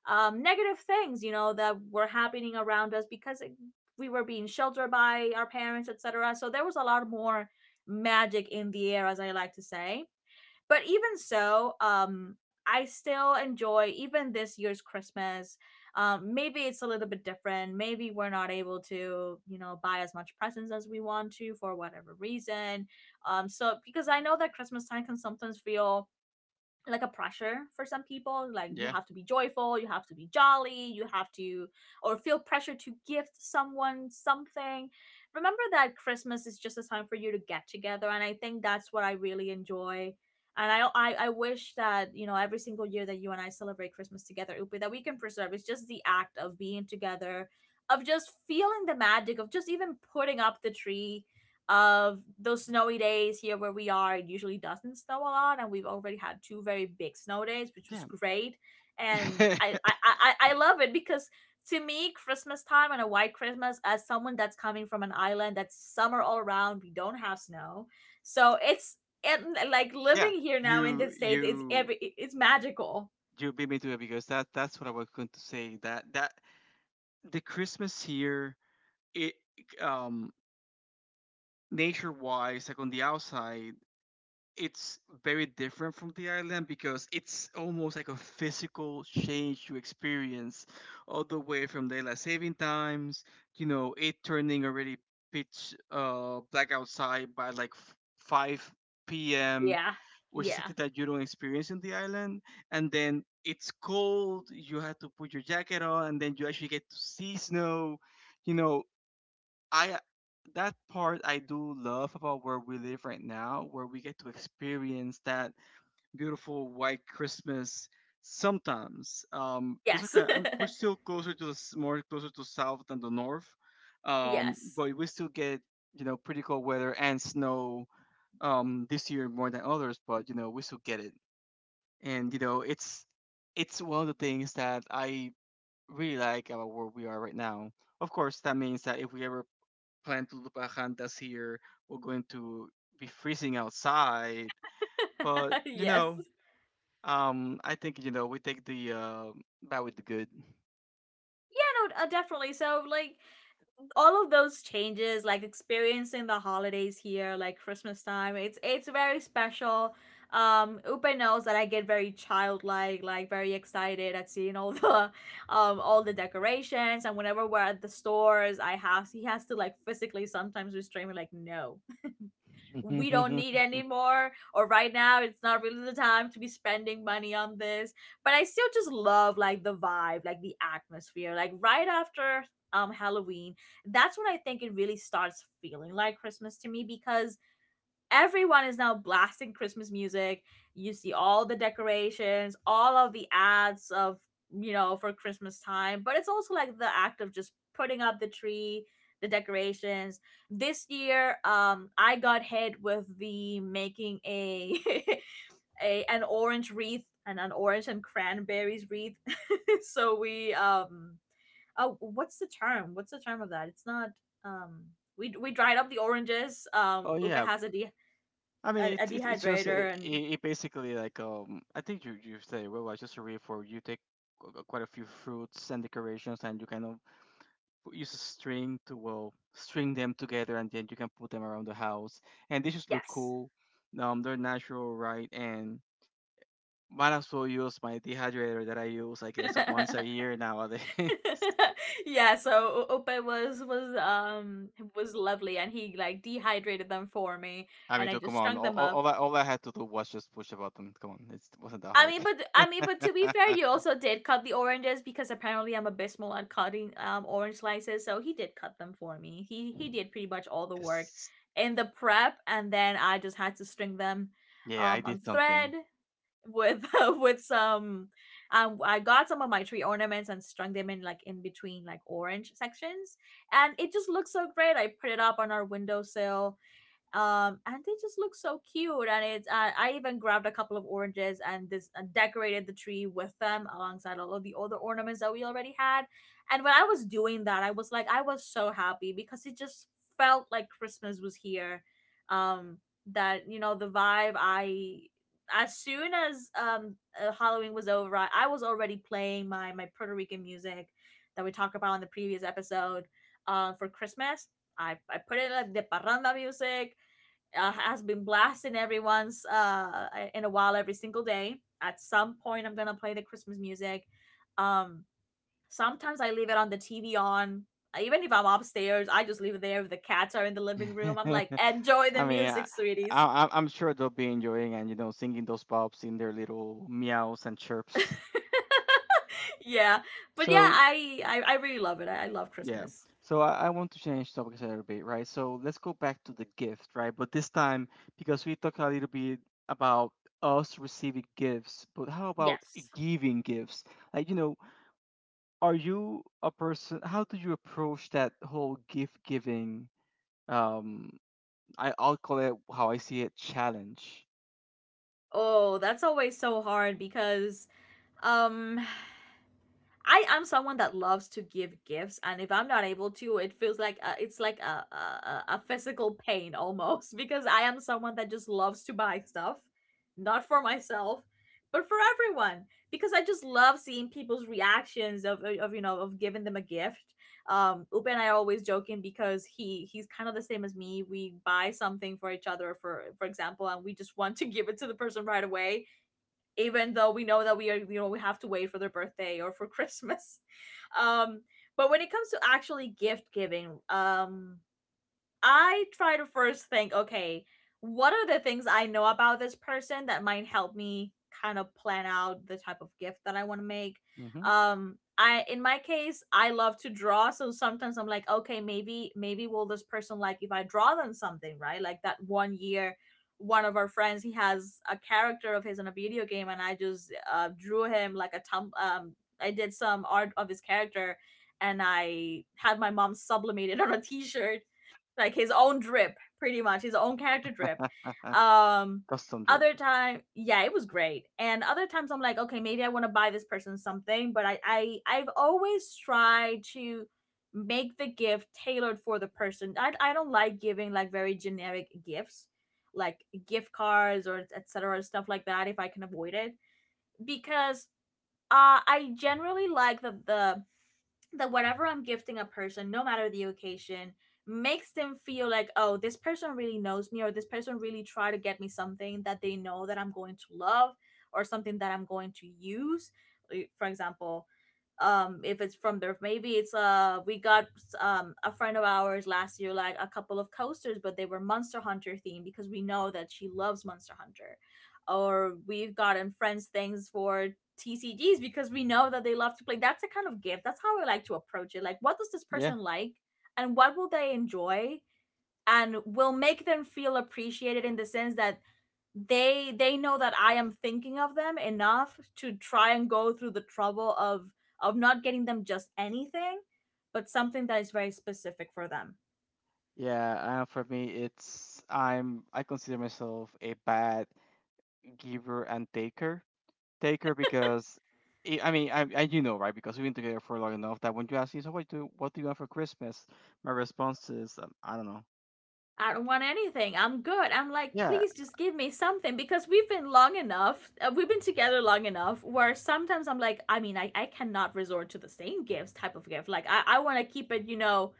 Speaker 1: negative things, you know, that were happening around us, because we were being sheltered by our parents, etc. So there was a lot more magic in the air, as I like to say. But even so, I still enjoy even this year's Christmas. Maybe it's a little bit different. Maybe we're not able to, you know, buy as much presents as we want to for whatever reason. So because I know that Christmas time can sometimes feel like a pressure for some people, like you
Speaker 2: yeah
Speaker 1: have to be joyful, you have to be jolly, you have to, or feel pressure to gift someone something. Remember that Christmas is just a time for you to get together, and I think that's what I really enjoy. And I wish that, you know, every single year that you and I celebrate Christmas together, upi, that we can preserve, it's just the act of being together, of just feeling the magic, of just even putting up the tree, of those snowy days here where we are. It usually doesn't snow a lot, and we've already had two very big snow days, which was
Speaker 2: yeah
Speaker 1: great. And I I I, I I love it because to me, Christmas time and a white Christmas, as someone that's coming from an island that's summer all around, we don't have snow, so it's and like
Speaker 2: Yeah,
Speaker 1: living here now in
Speaker 2: you
Speaker 1: the states, it's
Speaker 2: you
Speaker 1: every it's magical.
Speaker 2: you beat me to it because that that's what I was going to say, that that the Christmas here, it, um, nature wise like on the outside, it's very different from the island because it's almost like a physical change you experience, all the way from daylight saving times, you know, it turning already pitch black outside by like 5 p.m.,
Speaker 1: Yeah,
Speaker 2: which is
Speaker 1: yeah,
Speaker 2: something that you don't experience in the island. And then it's cold, you have to put your jacket on, and then you actually get to see snow. You know, I, that part I do love about where we live right now, where we get to experience that beautiful white Christmas sometimes. Because
Speaker 1: yes,
Speaker 2: okay, we're still closer to the more closer to south than the north,
Speaker 1: yes,
Speaker 2: but we still get, you know, pretty cold weather and snow, this year more than others. But you know, we still get it, and you know it's one of the things that I really like about where we are right now. Of course, that means that if we ever plan to Lupacantas here, we're going to be freezing outside. But,
Speaker 1: yes.
Speaker 2: you
Speaker 1: Yeah,
Speaker 2: know, I think, you know, we take the bad with the good.
Speaker 1: no, definitely. So, like, all of those changes, like experiencing the holidays here, like Christmas time, it's very special. Upe knows that I get very childlike, like very excited at seeing all all the decorations. And whenever we're at the stores, I have he has to like physically sometimes restrain me, like no, we don't need anymore, or right now it's not really the time to be spending money on this. But I still just love like the vibe, like the atmosphere, like right after Halloween. That's when I think it really starts feeling like Christmas to me because everyone is now blasting Christmas music. You see all the decorations, all of the ads of, you know, for Christmas time. But it's also like the act of just putting up the tree, the decorations. This year, I got hit with the making a a an orange wreath and an orange and cranberries wreath. So we, oh, what's the term? What's the term of that? It's not um we dried up the oranges.
Speaker 2: Oh
Speaker 1: Upa
Speaker 2: yeah,
Speaker 1: has a
Speaker 2: I
Speaker 1: a,
Speaker 2: mean
Speaker 1: a
Speaker 2: it's it's it's just it,
Speaker 1: dehydrator and
Speaker 2: it basically like, um, I think you you say, well, I just a read for you, take quite a few fruits and decorations and you kind of use a string to, well, string them together and then you can put them around the house and they just look
Speaker 1: yes.
Speaker 2: cool. They're natural, right? And might as well use my dehydrator that I use, I guess, once a year nowadays.
Speaker 1: Yeah, so ope was lovely, and he like dehydrated them for me,
Speaker 2: I
Speaker 1: and
Speaker 2: mean,
Speaker 1: I
Speaker 2: too, come
Speaker 1: just
Speaker 2: on.
Speaker 1: strung
Speaker 2: All,
Speaker 1: them
Speaker 2: all,
Speaker 1: up.
Speaker 2: all I all I had to do was just push a button. Come on, it wasn't that
Speaker 1: I
Speaker 2: hard.
Speaker 1: mean, but to be fair, you also did cut the oranges because apparently I'm abysmal at cutting orange slices. So he did cut them for me. He did pretty much all the work
Speaker 2: Yes.
Speaker 1: in the prep, and then I just had to string them
Speaker 2: Yeah, I did
Speaker 1: on thread
Speaker 2: something.
Speaker 1: with with some I got some of my tree ornaments and strung them in like in between like orange sections, and it just looks so great. I put it up on our windowsill, and they just look so cute. And it's I even grabbed a couple of oranges and this and decorated the tree with them alongside all of the other ornaments that we already had. And when I was doing that, I was like, I was so happy because it just felt like Christmas was here. um that, you know, the vibe, I as soon as Halloween was over, I was already playing my Puerto Rican music that we talked about in the previous episode, for Christmas. I put in like the parranda music, has been blasting everyone's in a while every single day. At some point, I'm gonna play the Christmas music. Um, Sometimes I leave it on the TV on. Even if I'm upstairs, I just leave it there. If the cats are in the living room, I'm like, enjoy the
Speaker 2: I mean,
Speaker 1: music, sweeties.
Speaker 2: I'm sure they'll be enjoying and, you know, singing those pops in their little meows and chirps.
Speaker 1: Yeah, but yeah,
Speaker 2: So
Speaker 1: I really love it. I love
Speaker 2: yeah.
Speaker 1: Christmas.
Speaker 2: So I want to change topics a little bit, right? So let's go back to the gift, right? But this time, because we talked a little bit about us receiving gifts, but how about
Speaker 1: Yes.
Speaker 2: giving gifts? Like, you know, are you a person, how do you approach that whole gift giving? Um, I'll call it how I see it challenge.
Speaker 1: Oh, that's always so hard because um I am someone that loves to give gifts, and if I'm not able to, it feels like it's like a physical pain almost because I am someone that just loves to buy stuff, not for myself, but for everyone, because I just love seeing people's reactions of you know, of giving them a gift. Upe and I are always joking because he's kind of the same as me. We buy something for each other, for example, and we just want to give it to the person right away, even though we know that we are, you know, we have to wait for their birthday or for Christmas. um but when it comes to actually gift giving, I try to first think, okay, what are the things I know about this person that might help me kind of plan out the type of gift that I want to make?
Speaker 2: Hmm.
Speaker 1: I in my case, I love to draw, so sometimes I'm like, okay, maybe will this person like if I draw them something, right? Like that one year, one of our friends, he has a character of his in a video game, and I just drew him like a tum I did some art of his character, and I had my mom sublimate it on a t-shirt, like his own drip, pretty much his own character drip. Um,
Speaker 2: Custom drip.
Speaker 1: other time, yeah, it was great. And other times, I'm like, okay, maybe I want to buy this person something, but I've always tried to make the gift tailored for the person. I don't like giving like very generic gifts, like gift cards or etc. stuff like that if I can avoid it because I generally like that the that whatever I'm gifting a person, no matter the occasion, makes them feel like, oh, this person really knows me, or this person really tried to get me something that they know that I'm going to love, or something that I'm going to use. Like, for example, if it's from there, maybe it's we got a friend of ours last year like a couple of coasters, but they were Monster Hunter themed because we know that she loves Monster Hunter, or we've gotten friends things for TCGs because we know that they love to play. That's a kind of gift, that's how I like to approach it. Like, what does this
Speaker 2: Yeah.
Speaker 1: person like and what will they enjoy and will make them feel appreciated in the sense that they know that I am thinking of them enough to try and go through the trouble of not getting them just anything, but something that is very specific for them.
Speaker 2: Yeah, for me, it's, I consider myself a bad giver and taker. Take her because I, you know, right, because we've been together for long enough that when you ask me, so what do you want for Christmas, my response is, I don't know.
Speaker 1: I don't want anything. I'm good. I'm like,
Speaker 2: Yeah,
Speaker 1: please just give me something because we've been long enough. We've been together long enough where sometimes I'm like, I mean, I cannot resort to the same gifts type of gift. Like, I want to keep it, you know,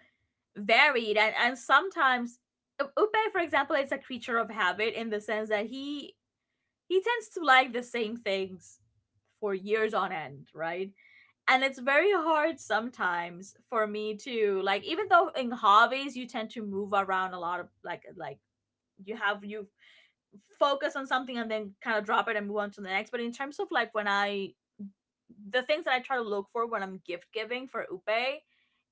Speaker 1: varied. And sometimes Upe, for example, is a creature of habit in the sense that he tends to like the same things for years on end, right? And it's very hard sometimes for me to like, even though in hobbies you tend to move around a lot of like you have you focus on something and then kind of drop it and move on to the next. But in terms of like when I the things that I try to look for when I'm gift giving for Upe,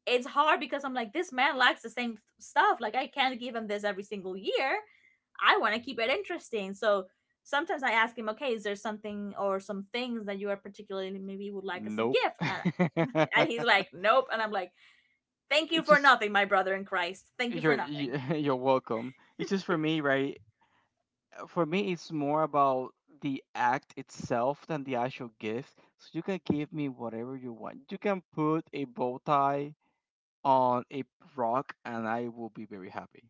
Speaker 1: it's hard because I'm like, this man likes the same stuff. Like, I can't give him this every single year. I want to keep it interesting. So sometimes I ask him, okay, is there something or some things that you are particularly maybe would like as a
Speaker 2: nope.
Speaker 1: gift? And, and he's like, nope. And I'm like, thank you
Speaker 2: It's
Speaker 1: for
Speaker 2: just
Speaker 1: nothing, my brother in Christ. Thank you for nothing.
Speaker 2: you're welcome. It's just for me, right? For me, it's more about the act itself than the actual gift. So you can give me whatever you want. You can put a bow tie on a rock, and I will be very happy.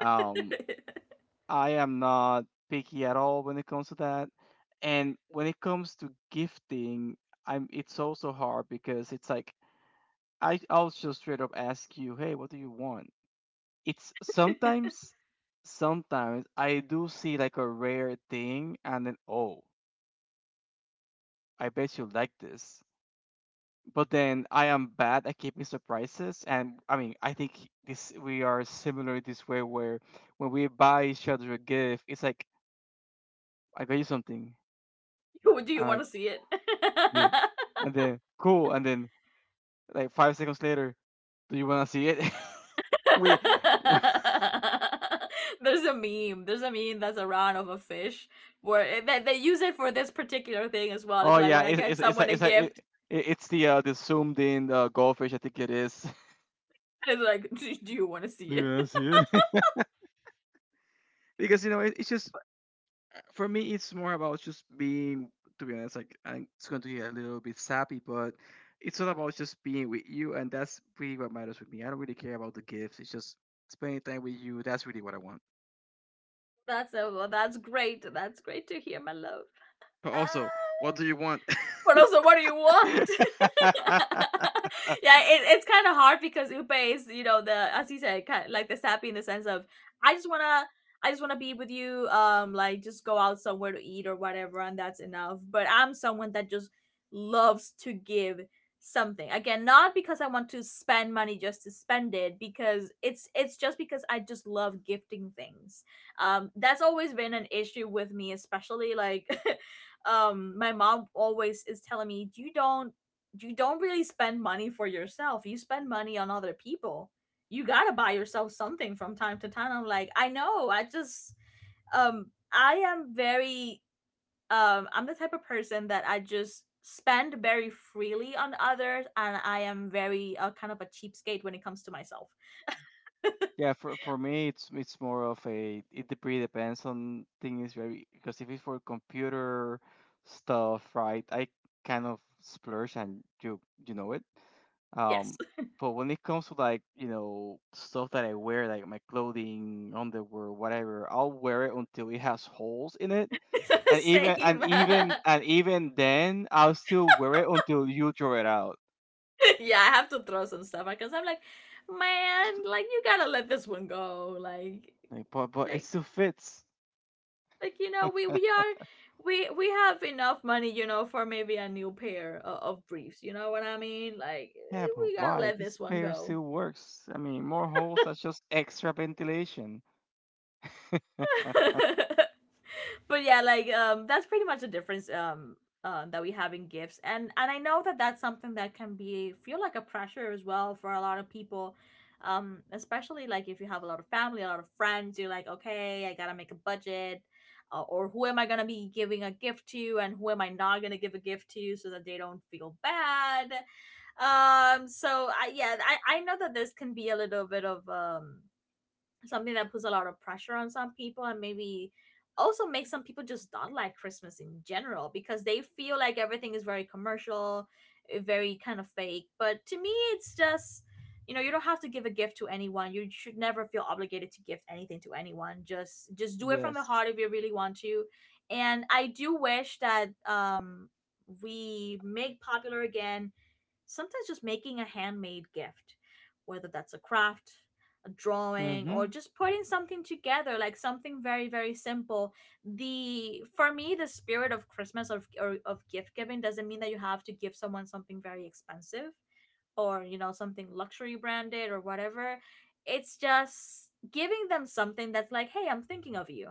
Speaker 2: Um, I am not picky at all when it comes to that. And when it comes to gifting, I'm it's also hard because it's like I'll just straight up ask you, "Hey, what do you want?" It's sometimes, sometimes I do see like a rare thing and then, "Oh, I bet you like this." But then I am bad at keeping surprises, and I mean, I think this we are similar this way where when we buy each other a gift, it's like, "I got you something."
Speaker 1: Do you
Speaker 2: I'm
Speaker 1: want to
Speaker 2: like,
Speaker 1: see it?
Speaker 2: and then cool, and then like 5 seconds later, do you wanna see it? We,
Speaker 1: There's a meme. There's a meme that's around of a fish where they use it for this particular thing as well. It's
Speaker 2: oh
Speaker 1: like
Speaker 2: yeah,
Speaker 1: when I get someone a
Speaker 2: it's a, it,
Speaker 1: gift,
Speaker 2: it- it's the zoomed in, goldfish, I think it is.
Speaker 1: it's like, do you want to
Speaker 2: Do
Speaker 1: see
Speaker 2: you
Speaker 1: it?
Speaker 2: wanna see it? Because you know it, it's just for me, it's more about just being. To be honest, it's going to be a little bit sappy, but it's all about just being with you, and that's really what matters with me. I don't really care about the gifts. It's just spending time with you. That's really what I want.
Speaker 1: That's a, well, that's great. That's great to hear, my love.
Speaker 2: But
Speaker 1: Uh,
Speaker 2: also, what do you want?
Speaker 1: but also what do you want? Yeah, it, it's kind of hard because Upe is, you know, the as he said, kind of like the sappy in the sense of I just wanna, I just wanna be with you, like just go out somewhere to eat or whatever, and that's enough. But I'm someone that just loves to give something. Again, not because I want to spend money just to spend it, because it's just because I just love gifting things. Um, that's always been an issue with me, especially like um, my mom always is telling me, you don't, you don't really spend money for yourself, you spend money on other people. You gotta buy yourself something from time to time. I'm like, I know, I just um, I am very um, I'm the type of person that I just spend very freely on others, and I am very kind of a cheapskate when it comes to myself.
Speaker 2: Yeah, for me, it's more of a, it dep- really depends on things, right? Because if it's for computer stuff, right, I kind of splurge and you know it. Um,
Speaker 1: Yes.
Speaker 2: but when it comes to like, you know, stuff that I wear, like my clothing, underwear, whatever, I'll wear it until it has holes in it, and
Speaker 1: Same.
Speaker 2: even then, I'll still wear it until you draw it out.
Speaker 1: Yeah, I have to throw some stuff out because I'm like, man, like, you gotta let this one go,
Speaker 2: Like, but it
Speaker 1: like
Speaker 2: still fits.
Speaker 1: like, you know, we are, we have enough money, you know, for maybe a new pair of briefs, you know what I mean? Like,
Speaker 2: Yeah,
Speaker 1: eh,
Speaker 2: but
Speaker 1: we gotta
Speaker 2: why?
Speaker 1: let
Speaker 2: This
Speaker 1: this one
Speaker 2: pair
Speaker 1: go.
Speaker 2: still works. I mean, more holes are just extra ventilation.
Speaker 1: But yeah, like, that's pretty much the difference. That we have in gifts, and I know that that's something that can be, feel like a pressure as well for a lot of people. Especially like, if you have a lot of family, a lot of friends, you're like, okay, I gotta make a budget. Or who am I gonna be giving a gift to, and who am I not gonna give a gift to, so that they don't feel bad. So I Yeah, I know that this can be a little bit of um, something that puts a lot of pressure on some people, and maybe also makes some people just not like Christmas in general, because they feel like everything is very commercial, eh, very kind of fake. But to me, it's just, you know, you don't have to give a gift to anyone. You should never feel obligated to gift anything to anyone. Just do it from the
Speaker 2: Yes.
Speaker 1: heart if you really want to. And I do wish that um, we make popular again sometimes just making a handmade gift, whether that's a craft, drawing, or
Speaker 2: Mm-hmm.
Speaker 1: just putting something together, like something very, very simple. The, for me, the spirit of Christmas, or of gift giving, doesn't mean that you have to give someone something very expensive, or, you know, something luxury branded or whatever. It's just giving them something that's like, hey, I'm thinking of you.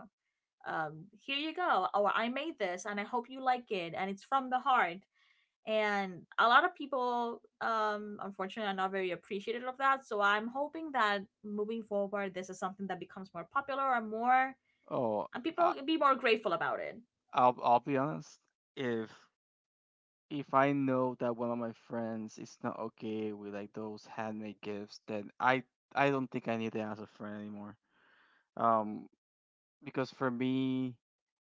Speaker 1: Um, here you go. Or, I made this and I hope you like it, and it's from the heart. And a lot of people, um, unfortunately, are not very appreciative of that. So I'm hoping that moving forward, this is something that becomes more popular, or more,
Speaker 2: Oh,
Speaker 1: and people
Speaker 2: I,
Speaker 1: be more grateful about it.
Speaker 2: I'll be honest. If if I know that one of my friends is not okay with like those handmade gifts, then I don't think I need them as a friend anymore. Um, because for me,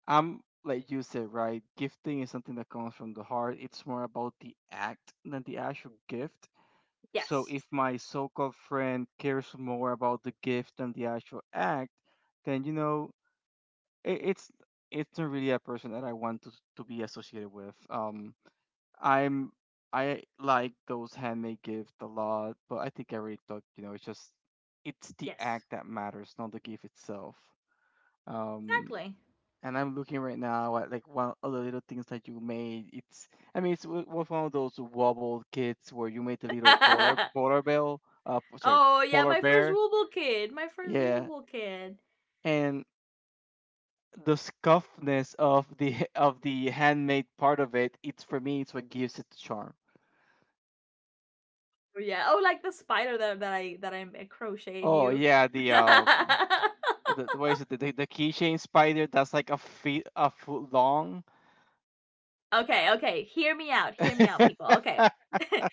Speaker 2: I'm like you said, right? Gifting is something that comes from the heart. It's more about the act than the actual gift. So
Speaker 1: Yes.
Speaker 2: if my so-called friend cares more about the gift than the actual act, then it, it's it's not really a person that I want to be associated with. I'm I like those handmade gifts a lot, but I think I already talked. It's just it's the act
Speaker 1: Yes.
Speaker 2: that matters, not the gift itself. Um,
Speaker 1: Exactly.
Speaker 2: and I'm looking right now at like one of the little things that you made. It's was one of those wobbled kits where you made the little polar polar bear, sorry,
Speaker 1: Oh yeah,
Speaker 2: polar
Speaker 1: my first
Speaker 2: bear,
Speaker 1: Wooble kid. My first
Speaker 2: yeah,
Speaker 1: Wooble kid.
Speaker 2: and the scuffness of the of the handmade part of it. It's for me, it's what gives it the charm.
Speaker 1: Yeah. Oh, like the spider that I crocheted
Speaker 2: Oh
Speaker 1: you.
Speaker 2: yeah, the uh the what is it the keychain spider that's like a foot long.
Speaker 1: Okay, okay. Hear me out. Hear me out, people. Okay. I,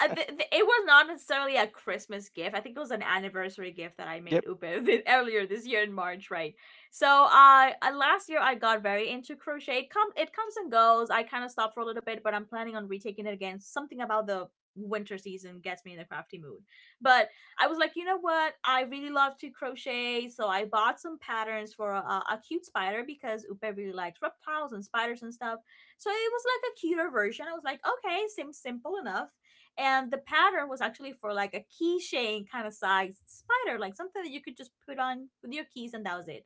Speaker 1: it was not necessarily a Christmas gift. I think it was an anniversary gift that I made
Speaker 2: Yep.
Speaker 1: Upe, earlier this year in March, right? So, last year I got very into crochet. It comes and goes. I kind of stopped for a little bit, but I'm planning on retaking it again. Something about the winter season gets me in a crafty mood. But I was like, you know what? I really love to crochet, so I bought some patterns for a cute spider because Upe really likes reptiles and spiders and stuff, so it was like a cuter version. I was like, okay, seems simple enough. And the pattern was actually for like a keychain kind of size spider, like something that you could just put on with your keys, and that was it.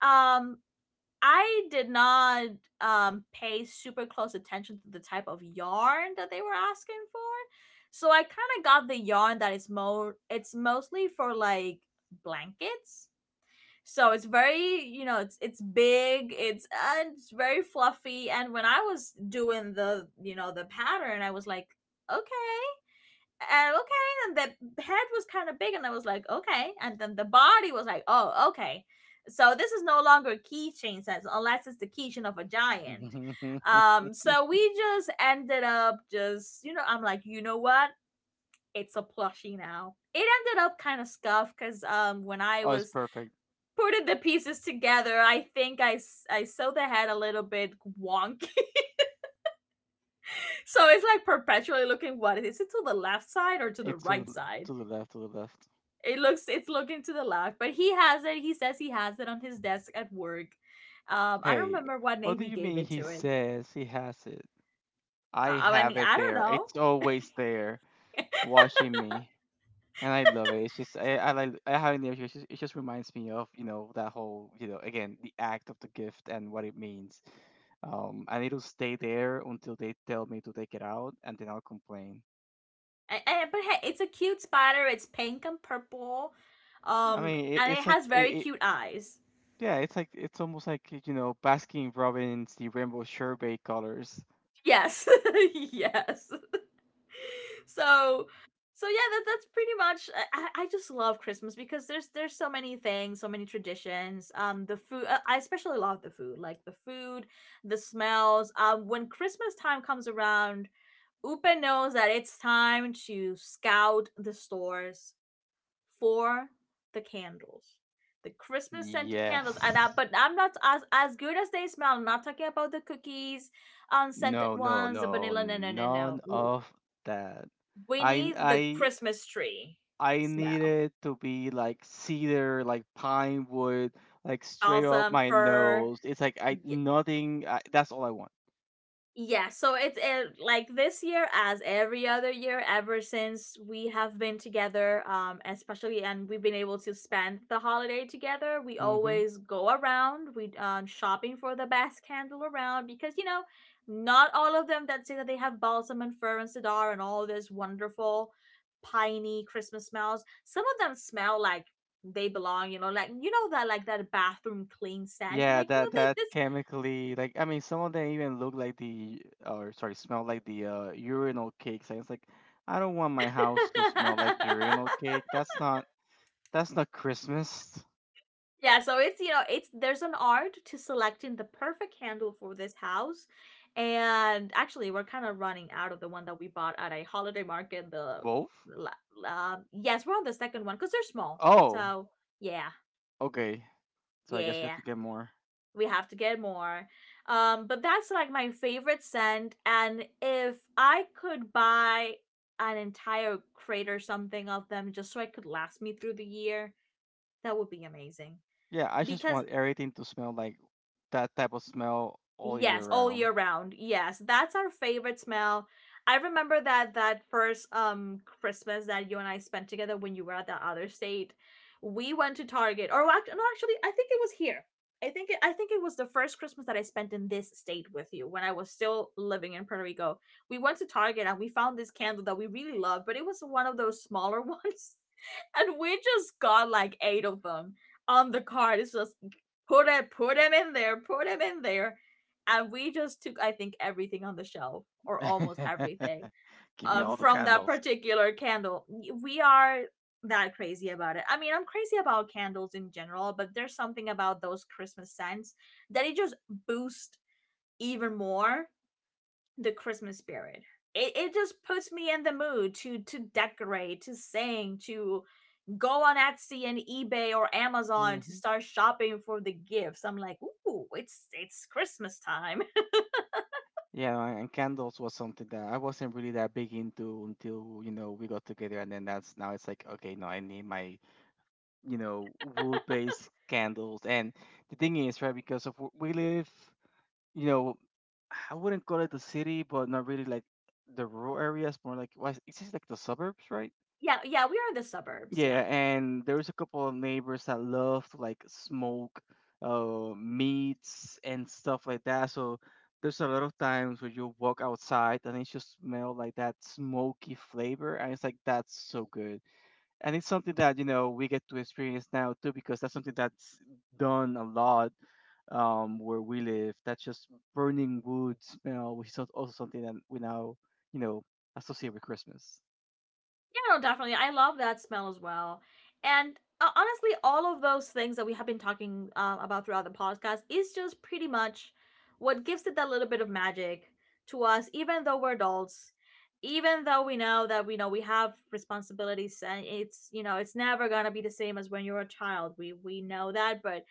Speaker 1: Um, I did not pay super close attention to the type of yarn that they were asking for. So I kind of got the yarn that is more, it's mostly for like blankets, so it's very, you know, it's big, it's, and it's very fluffy. And when I was doing the, you know, the pattern, I was like, okay, okay. And the head was kind of big, and I was like, okay. And then the body was like, oh, okay. So this is no longer a keychain sense, unless it's the keychain of a giant. So we just ended up just, you know, I'm like, you know what? It's a plushie now. It ended up kind of scuffed because when I
Speaker 2: Oh, it's
Speaker 1: was
Speaker 2: perfect.
Speaker 1: putting the pieces together, I think I, I saw the head a little bit wonky. So it's like perpetually looking, what is it, to the left side or to the
Speaker 2: It's to
Speaker 1: right side?
Speaker 2: to the left, to the left.
Speaker 1: It looks, it's looking to the left, but he has it. He says he has it on his desk at work. I don't
Speaker 2: Hey,
Speaker 1: remember what name
Speaker 2: what do
Speaker 1: we
Speaker 2: you
Speaker 1: gave
Speaker 2: mean
Speaker 1: it
Speaker 2: he
Speaker 1: to it.
Speaker 2: says he has it? I
Speaker 1: I
Speaker 2: have
Speaker 1: mean,
Speaker 2: it
Speaker 1: I don't
Speaker 2: there.
Speaker 1: know.
Speaker 2: It's always there, watching me, and I love it. It's just I have it there. It just reminds me of that whole again the act of the gift and what it means. And it'll stay there until they tell me to take it out, and then I'll complain.
Speaker 1: But hey, it's a cute spider. It's pink and purple.
Speaker 2: I mean, it,
Speaker 1: And it
Speaker 2: it's like
Speaker 1: has
Speaker 2: it,
Speaker 1: very
Speaker 2: it.
Speaker 1: cute eyes.
Speaker 2: Yeah, it's like it's almost like Baskin Robbins, the rainbow sherbet colors.
Speaker 1: Yes. Yes. so so yeah, that, that's pretty much, I just love Christmas because there's so many things, so many traditions. Um, the food, I especially love the food, like the food, the smells, um, when Christmas time comes around, Upa knows that it's time to scout the stores for the candles, the Christmas scented candles. And I,
Speaker 2: Yes.
Speaker 1: but I'm not, as as good as they smell, I'm not talking about the cookies, unscented
Speaker 2: No, no,
Speaker 1: ones, the
Speaker 2: no,
Speaker 1: vanilla. No, no, no,
Speaker 2: none
Speaker 1: no.
Speaker 2: of that.
Speaker 1: We
Speaker 2: I
Speaker 1: need the
Speaker 2: I
Speaker 1: Christmas tree
Speaker 2: I
Speaker 1: smell.
Speaker 2: needed to be like cedar, like pine wood, like straight up
Speaker 1: Balsam,
Speaker 2: my
Speaker 1: fir.
Speaker 2: nose. It's like I nothing. I, that's all I want.
Speaker 1: Yeah, so it's like this year, as every other year, ever since we have been together, especially, and we've been able to spend the holiday together. We
Speaker 2: Hmm.
Speaker 1: always go around, we, shopping for the best candle around, because you know, not all of them that say that they have balsam and fir and cedar and all this wonderful piney Christmas smells. Some of them smell like they belong, you know, like, you know that, like that bathroom clean scent. You're
Speaker 2: Yeah,
Speaker 1: like, you
Speaker 2: that that
Speaker 1: know
Speaker 2: chemically, like I mean, some of them even look like the, or sorry, smell like the urinal cakes, and it's like I don't want my
Speaker 1: that
Speaker 2: house to smell like urinal
Speaker 1: this.
Speaker 2: cake. That's not, that's not Christmas.
Speaker 1: Yeah, so it's, you know, it's, there's an art to selecting the perfect candle for this house. And actually, we're kind of running out of the one that we bought at a holiday market. The
Speaker 2: Both?
Speaker 1: yes, we're on the second one because they're small.
Speaker 2: Oh,
Speaker 1: So yeah,
Speaker 2: okay. So I guess we have
Speaker 1: yeah,
Speaker 2: to get more.
Speaker 1: we have to get more. But that's like my favorite scent. And if I could buy an entire crate or something of them just so I could last me through the year, that would be amazing
Speaker 2: Yeah, I just
Speaker 1: because,
Speaker 2: want everything to smell like that type of smell all year
Speaker 1: yes, all
Speaker 2: round.
Speaker 1: year round. Yes, that's our favorite smell. I remember that that first um, Christmas that you and I spent together when you were at that other state. We went to Target, or no, actually, I think it was here. I think it was the first Christmas that I spent in this state with you when I was still living in Puerto Rico. We went to Target and we found this candle that we really loved, but it was one of those smaller ones, and we just got like eight of them on the card. It's just, put it, put them in there, put them in there, and we just took, I think, everything on the shelf, or almost everything,
Speaker 2: Give me
Speaker 1: um,
Speaker 2: all the
Speaker 1: from that
Speaker 2: candles.
Speaker 1: particular candle. We are that crazy about it. I mean, I'm crazy about candles in general, but there's something about those Christmas scents that it just boosts even more the Christmas spirit. It just puts me in the mood to decorate, to sing, to go on Etsy and eBay or Amazon to
Speaker 2: Hmm.
Speaker 1: start shopping for the gifts. I'm like, ooh, it's Christmas time.
Speaker 2: Yeah, and candles was something that I wasn't really that big into until, you know, we got together and then that's, now it's like, okay, no, I need my, you know, wood-based candles. And the thing is, right, because of where we live, you know, I wouldn't call it the city, but not really like the rural areas, more like, well, it's just like the suburbs, right?
Speaker 1: Yeah, yeah, we are in the suburbs. Yeah.
Speaker 2: Yeah, and there was a couple of neighbors that love to like smoke meats and stuff like that. So there's a lot of times where you walk outside and it just smell like that smoky flavor and it's like that's so good. And it's something that, you know, we get to experience now too because that's something that's done a lot where we live. That's just burning wood smell, which is also something that we now, you know, associate with Christmas.
Speaker 1: Yeah, no, definitely. I love that smell as well. And honestly, all of those things that we have been talking about throughout the podcast is just pretty much what gives it that little bit of magic to us, even though we're adults, even though we know that, we know we have responsibilities, and it's, you know, it's never gonna be the same as when you're a child. We know that, but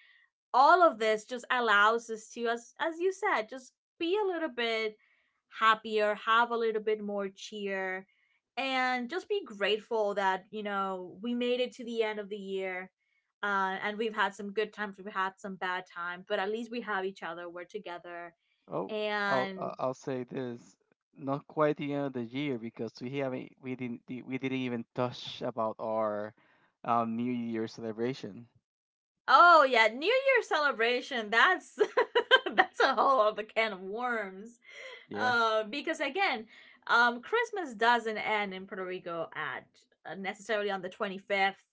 Speaker 1: all of this just allows us to, as you said, just be a little bit happier, have a little bit more cheer, and just be grateful that, you know, we made it to the end of the year. And we've had some good times, we've had some bad times, but at least we have each other, we're together,
Speaker 2: Oh,
Speaker 1: and
Speaker 2: I'll say this. Not quite the end of the year because we haven't we didn't di- we didn't even touch about our New Year celebration.
Speaker 1: oh yeah, new year celebration, that's that's a whole other can of worms.
Speaker 2: Yeah.
Speaker 1: Because again, Christmas doesn't end in Puerto Rico at necessarily on the 25th,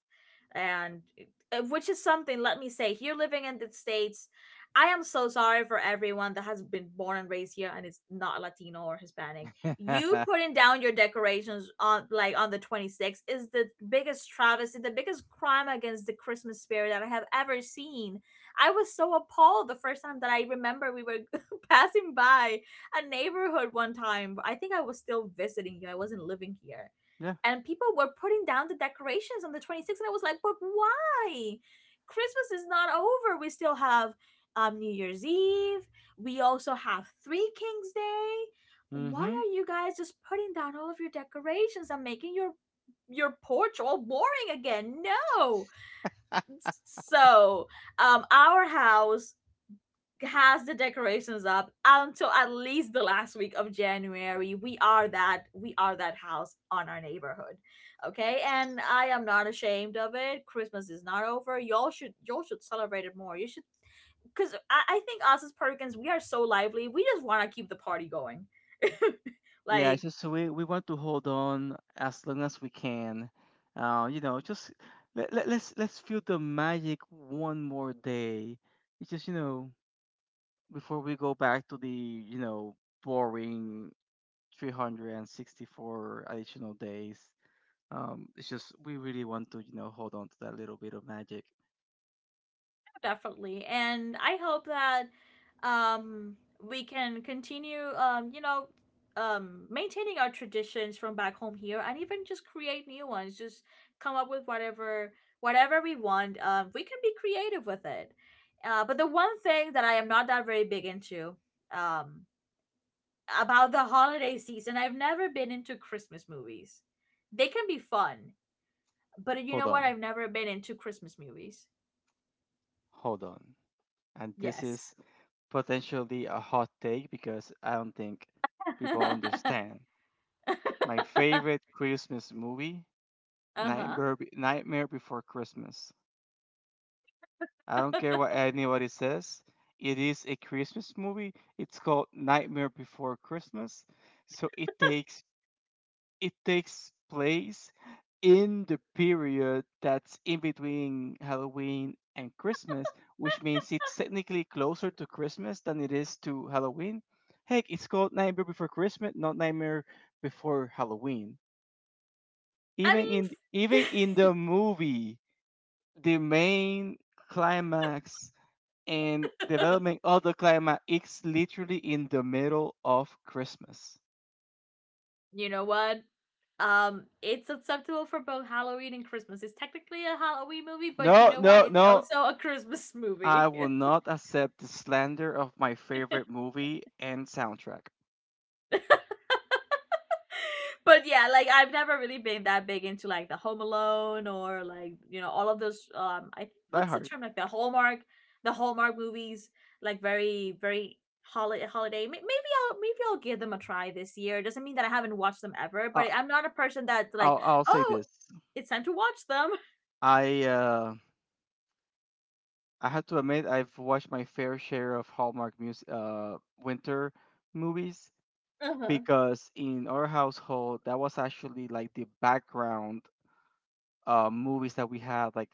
Speaker 1: and which is something. Let me say, here living in the states, I am so sorry for everyone that has been born and raised here and is not Latino or Hispanic. You putting down your decorations on, like, on the 26th is the biggest travesty, the biggest crime against the Christmas spirit that I have ever seen. I was so appalled the first time that I remember we were passing by a neighborhood one time. I think I was still visiting here. I wasn't living here.
Speaker 2: Yeah.
Speaker 1: And people were putting down the decorations on the 26th. And I was like, but why? Christmas is not over. We still have New Year's Eve. We also have Three Kings Day. Why
Speaker 2: Mm-hmm.
Speaker 1: are you guys just putting down all of your decorations and making your porch all boring again? No. So, our house has the decorations up until at least the last week of January. We are that, we are that house on our neighborhood. Okay?
Speaker 2: Yes.
Speaker 1: And I am not ashamed of it. Christmas is not over. Y'all should, y'all should celebrate it more. You should, because I think us as Perkins, we are so lively. We just wanna keep the party going.
Speaker 2: Yeah, it's
Speaker 1: like
Speaker 2: just we want to hold on as long as we can. You know, just let's feel the magic one more day. It's just, you know, before we go back to the, you know, boring 364 additional days. It's just we really want to, you know, hold on to that little bit of magic.
Speaker 1: definitely and I hope that um we can continue, maintaining our traditions from back home here, and even just create new ones, just come up with whatever. Whatever we want, we can be creative with it. But the one thing that I am not that very big into, um about the holiday season: I've never been into Christmas movies. They can be fun, but you
Speaker 2: Hold
Speaker 1: know what
Speaker 2: on,
Speaker 1: I've never been into Christmas movies.
Speaker 2: hold on. And this
Speaker 1: Yes.
Speaker 2: is potentially a hot take because I don't think people understand. My favorite Christmas movie,
Speaker 1: Uh-huh.
Speaker 2: Nightmare Before Christmas. I don't care what anybody says. It is a Christmas movie. It's called Nightmare Before Christmas. So it takes place in the period that's in between Halloween and Christmas, which means it's technically closer to Christmas than it is to Halloween. Heck, it's called Nightmare Before Christmas, not Nightmare Before Halloween.
Speaker 1: I mean,
Speaker 2: Even in the movie, the main climax and development of the climax is literally in the middle of Christmas.
Speaker 1: you know what? It's acceptable for both Halloween and Christmas. It's technically a Halloween movie, but you
Speaker 2: No,
Speaker 1: know what?
Speaker 2: no,
Speaker 1: It's
Speaker 2: no,
Speaker 1: also a Christmas
Speaker 2: I
Speaker 1: movie.
Speaker 2: will
Speaker 1: It's
Speaker 2: not accept the slander of my favorite movie and soundtrack.
Speaker 1: but yeah, like I've never really been that big into like the Home Alone, or like, you know, all of those. I,
Speaker 2: Die
Speaker 1: what's the
Speaker 2: Hard.
Speaker 1: term, like the Hallmark, the Hallmark movies, like very very, holiday holiday, maybe I'll give them a try this year. It doesn't mean that I haven't watched them ever,
Speaker 2: Uh,
Speaker 1: but I'm not a person that's like,
Speaker 2: I'll say
Speaker 1: oh,
Speaker 2: this.
Speaker 1: it's time to watch them.
Speaker 2: I uh I have to admit I've watched my fair share of Hallmark music winter movies
Speaker 1: Uh-huh.
Speaker 2: because in our household that was actually like the background movies that we had like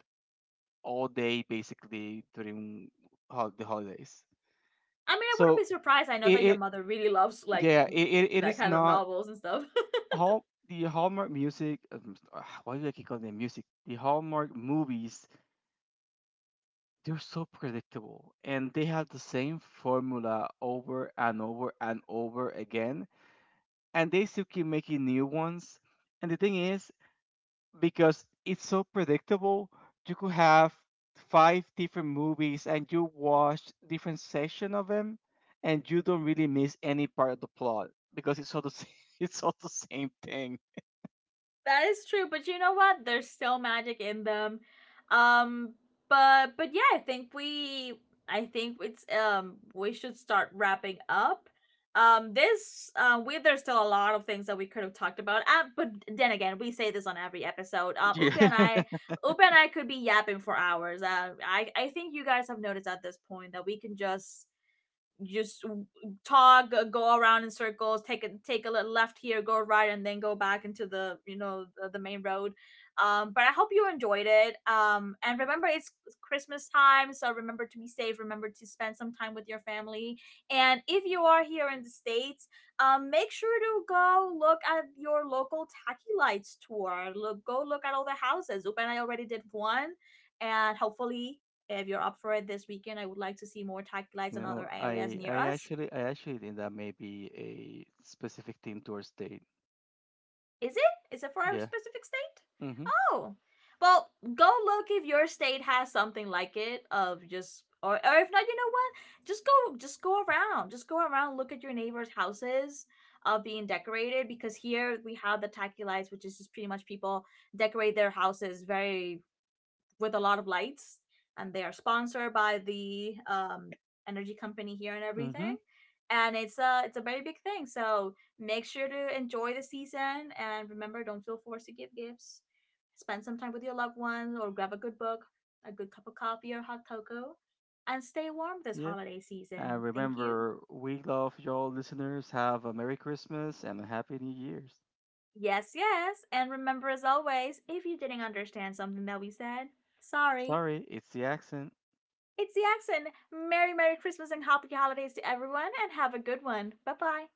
Speaker 2: all day basically during the holidays.
Speaker 1: I mean, I wouldn't
Speaker 2: So
Speaker 1: be surprised. I know
Speaker 2: it,
Speaker 1: that your
Speaker 2: it
Speaker 1: mother really loves like
Speaker 2: yeah it
Speaker 1: that
Speaker 2: is
Speaker 1: kind of
Speaker 2: not
Speaker 1: novels and stuff.
Speaker 2: Hall the Hallmark music. Why do I keep calling them music? The Hallmark movies. They're so predictable, and they have the same formula over and over and over again, and they still keep making new ones. And the thing is, because it's so predictable, you could have five different movies, and you watch different section of them, and you don't really miss any part of the plot because it's all the same. It's all the same thing.
Speaker 1: That is true, but you know what? There's still magic in them. Um but yeah, I think we I think it's, we should start wrapping up. This we There's still a lot of things that we could have talked about. But then again, we say this on every episode.
Speaker 2: Yeah.
Speaker 1: Upe and I could be yapping for hours. I think you guys have noticed at this point that we can just just talk, go around in circles, take a little left here, go right, and then go back into the, the main road. But I hope you enjoyed it, and remember, it's Christmas time, so remember to be safe, remember to spend some time with your family, and if you are here in the States, make sure to go look at your local tacky lights tour. Look Go look at all the houses. Oop and I already did one, and hopefully, if you're up for it this weekend, I would like to see more taxi lights
Speaker 2: You
Speaker 1: in other
Speaker 2: know,
Speaker 1: areas near us.
Speaker 2: I actually think that may be a specific team tour state.
Speaker 1: Is it? Is it for a
Speaker 2: Yeah.
Speaker 1: specific state?
Speaker 2: Mhm.
Speaker 1: Oh, well, go look if your state has something like it. Of just, or if not, you know what? Just go, just go around, look at your neighbors' houses of being decorated, because here we have the tacky lights, which is just pretty much people decorate their houses very with a lot of lights, and they are sponsored by the energy company here and everything.
Speaker 2: Mhm.
Speaker 1: And it's a very big thing. So make sure to enjoy the season, and remember, don't feel forced to give gifts. Spend some time with your loved ones, or grab a good book, a good cup of coffee, or hot cocoa, and stay warm this
Speaker 2: Yep.
Speaker 1: holiday
Speaker 2: And
Speaker 1: season. Thank you.
Speaker 2: remember, we love y'all listeners. Have a Merry Christmas and a Happy New Year's.
Speaker 1: Yes, yes. And remember, as always, if you didn't understand something that we said, sorry.
Speaker 2: Sorry, it's the accent.
Speaker 1: It's the accent. Merry, Merry Christmas and Happy Holidays to everyone, and have a good one. Bye bye.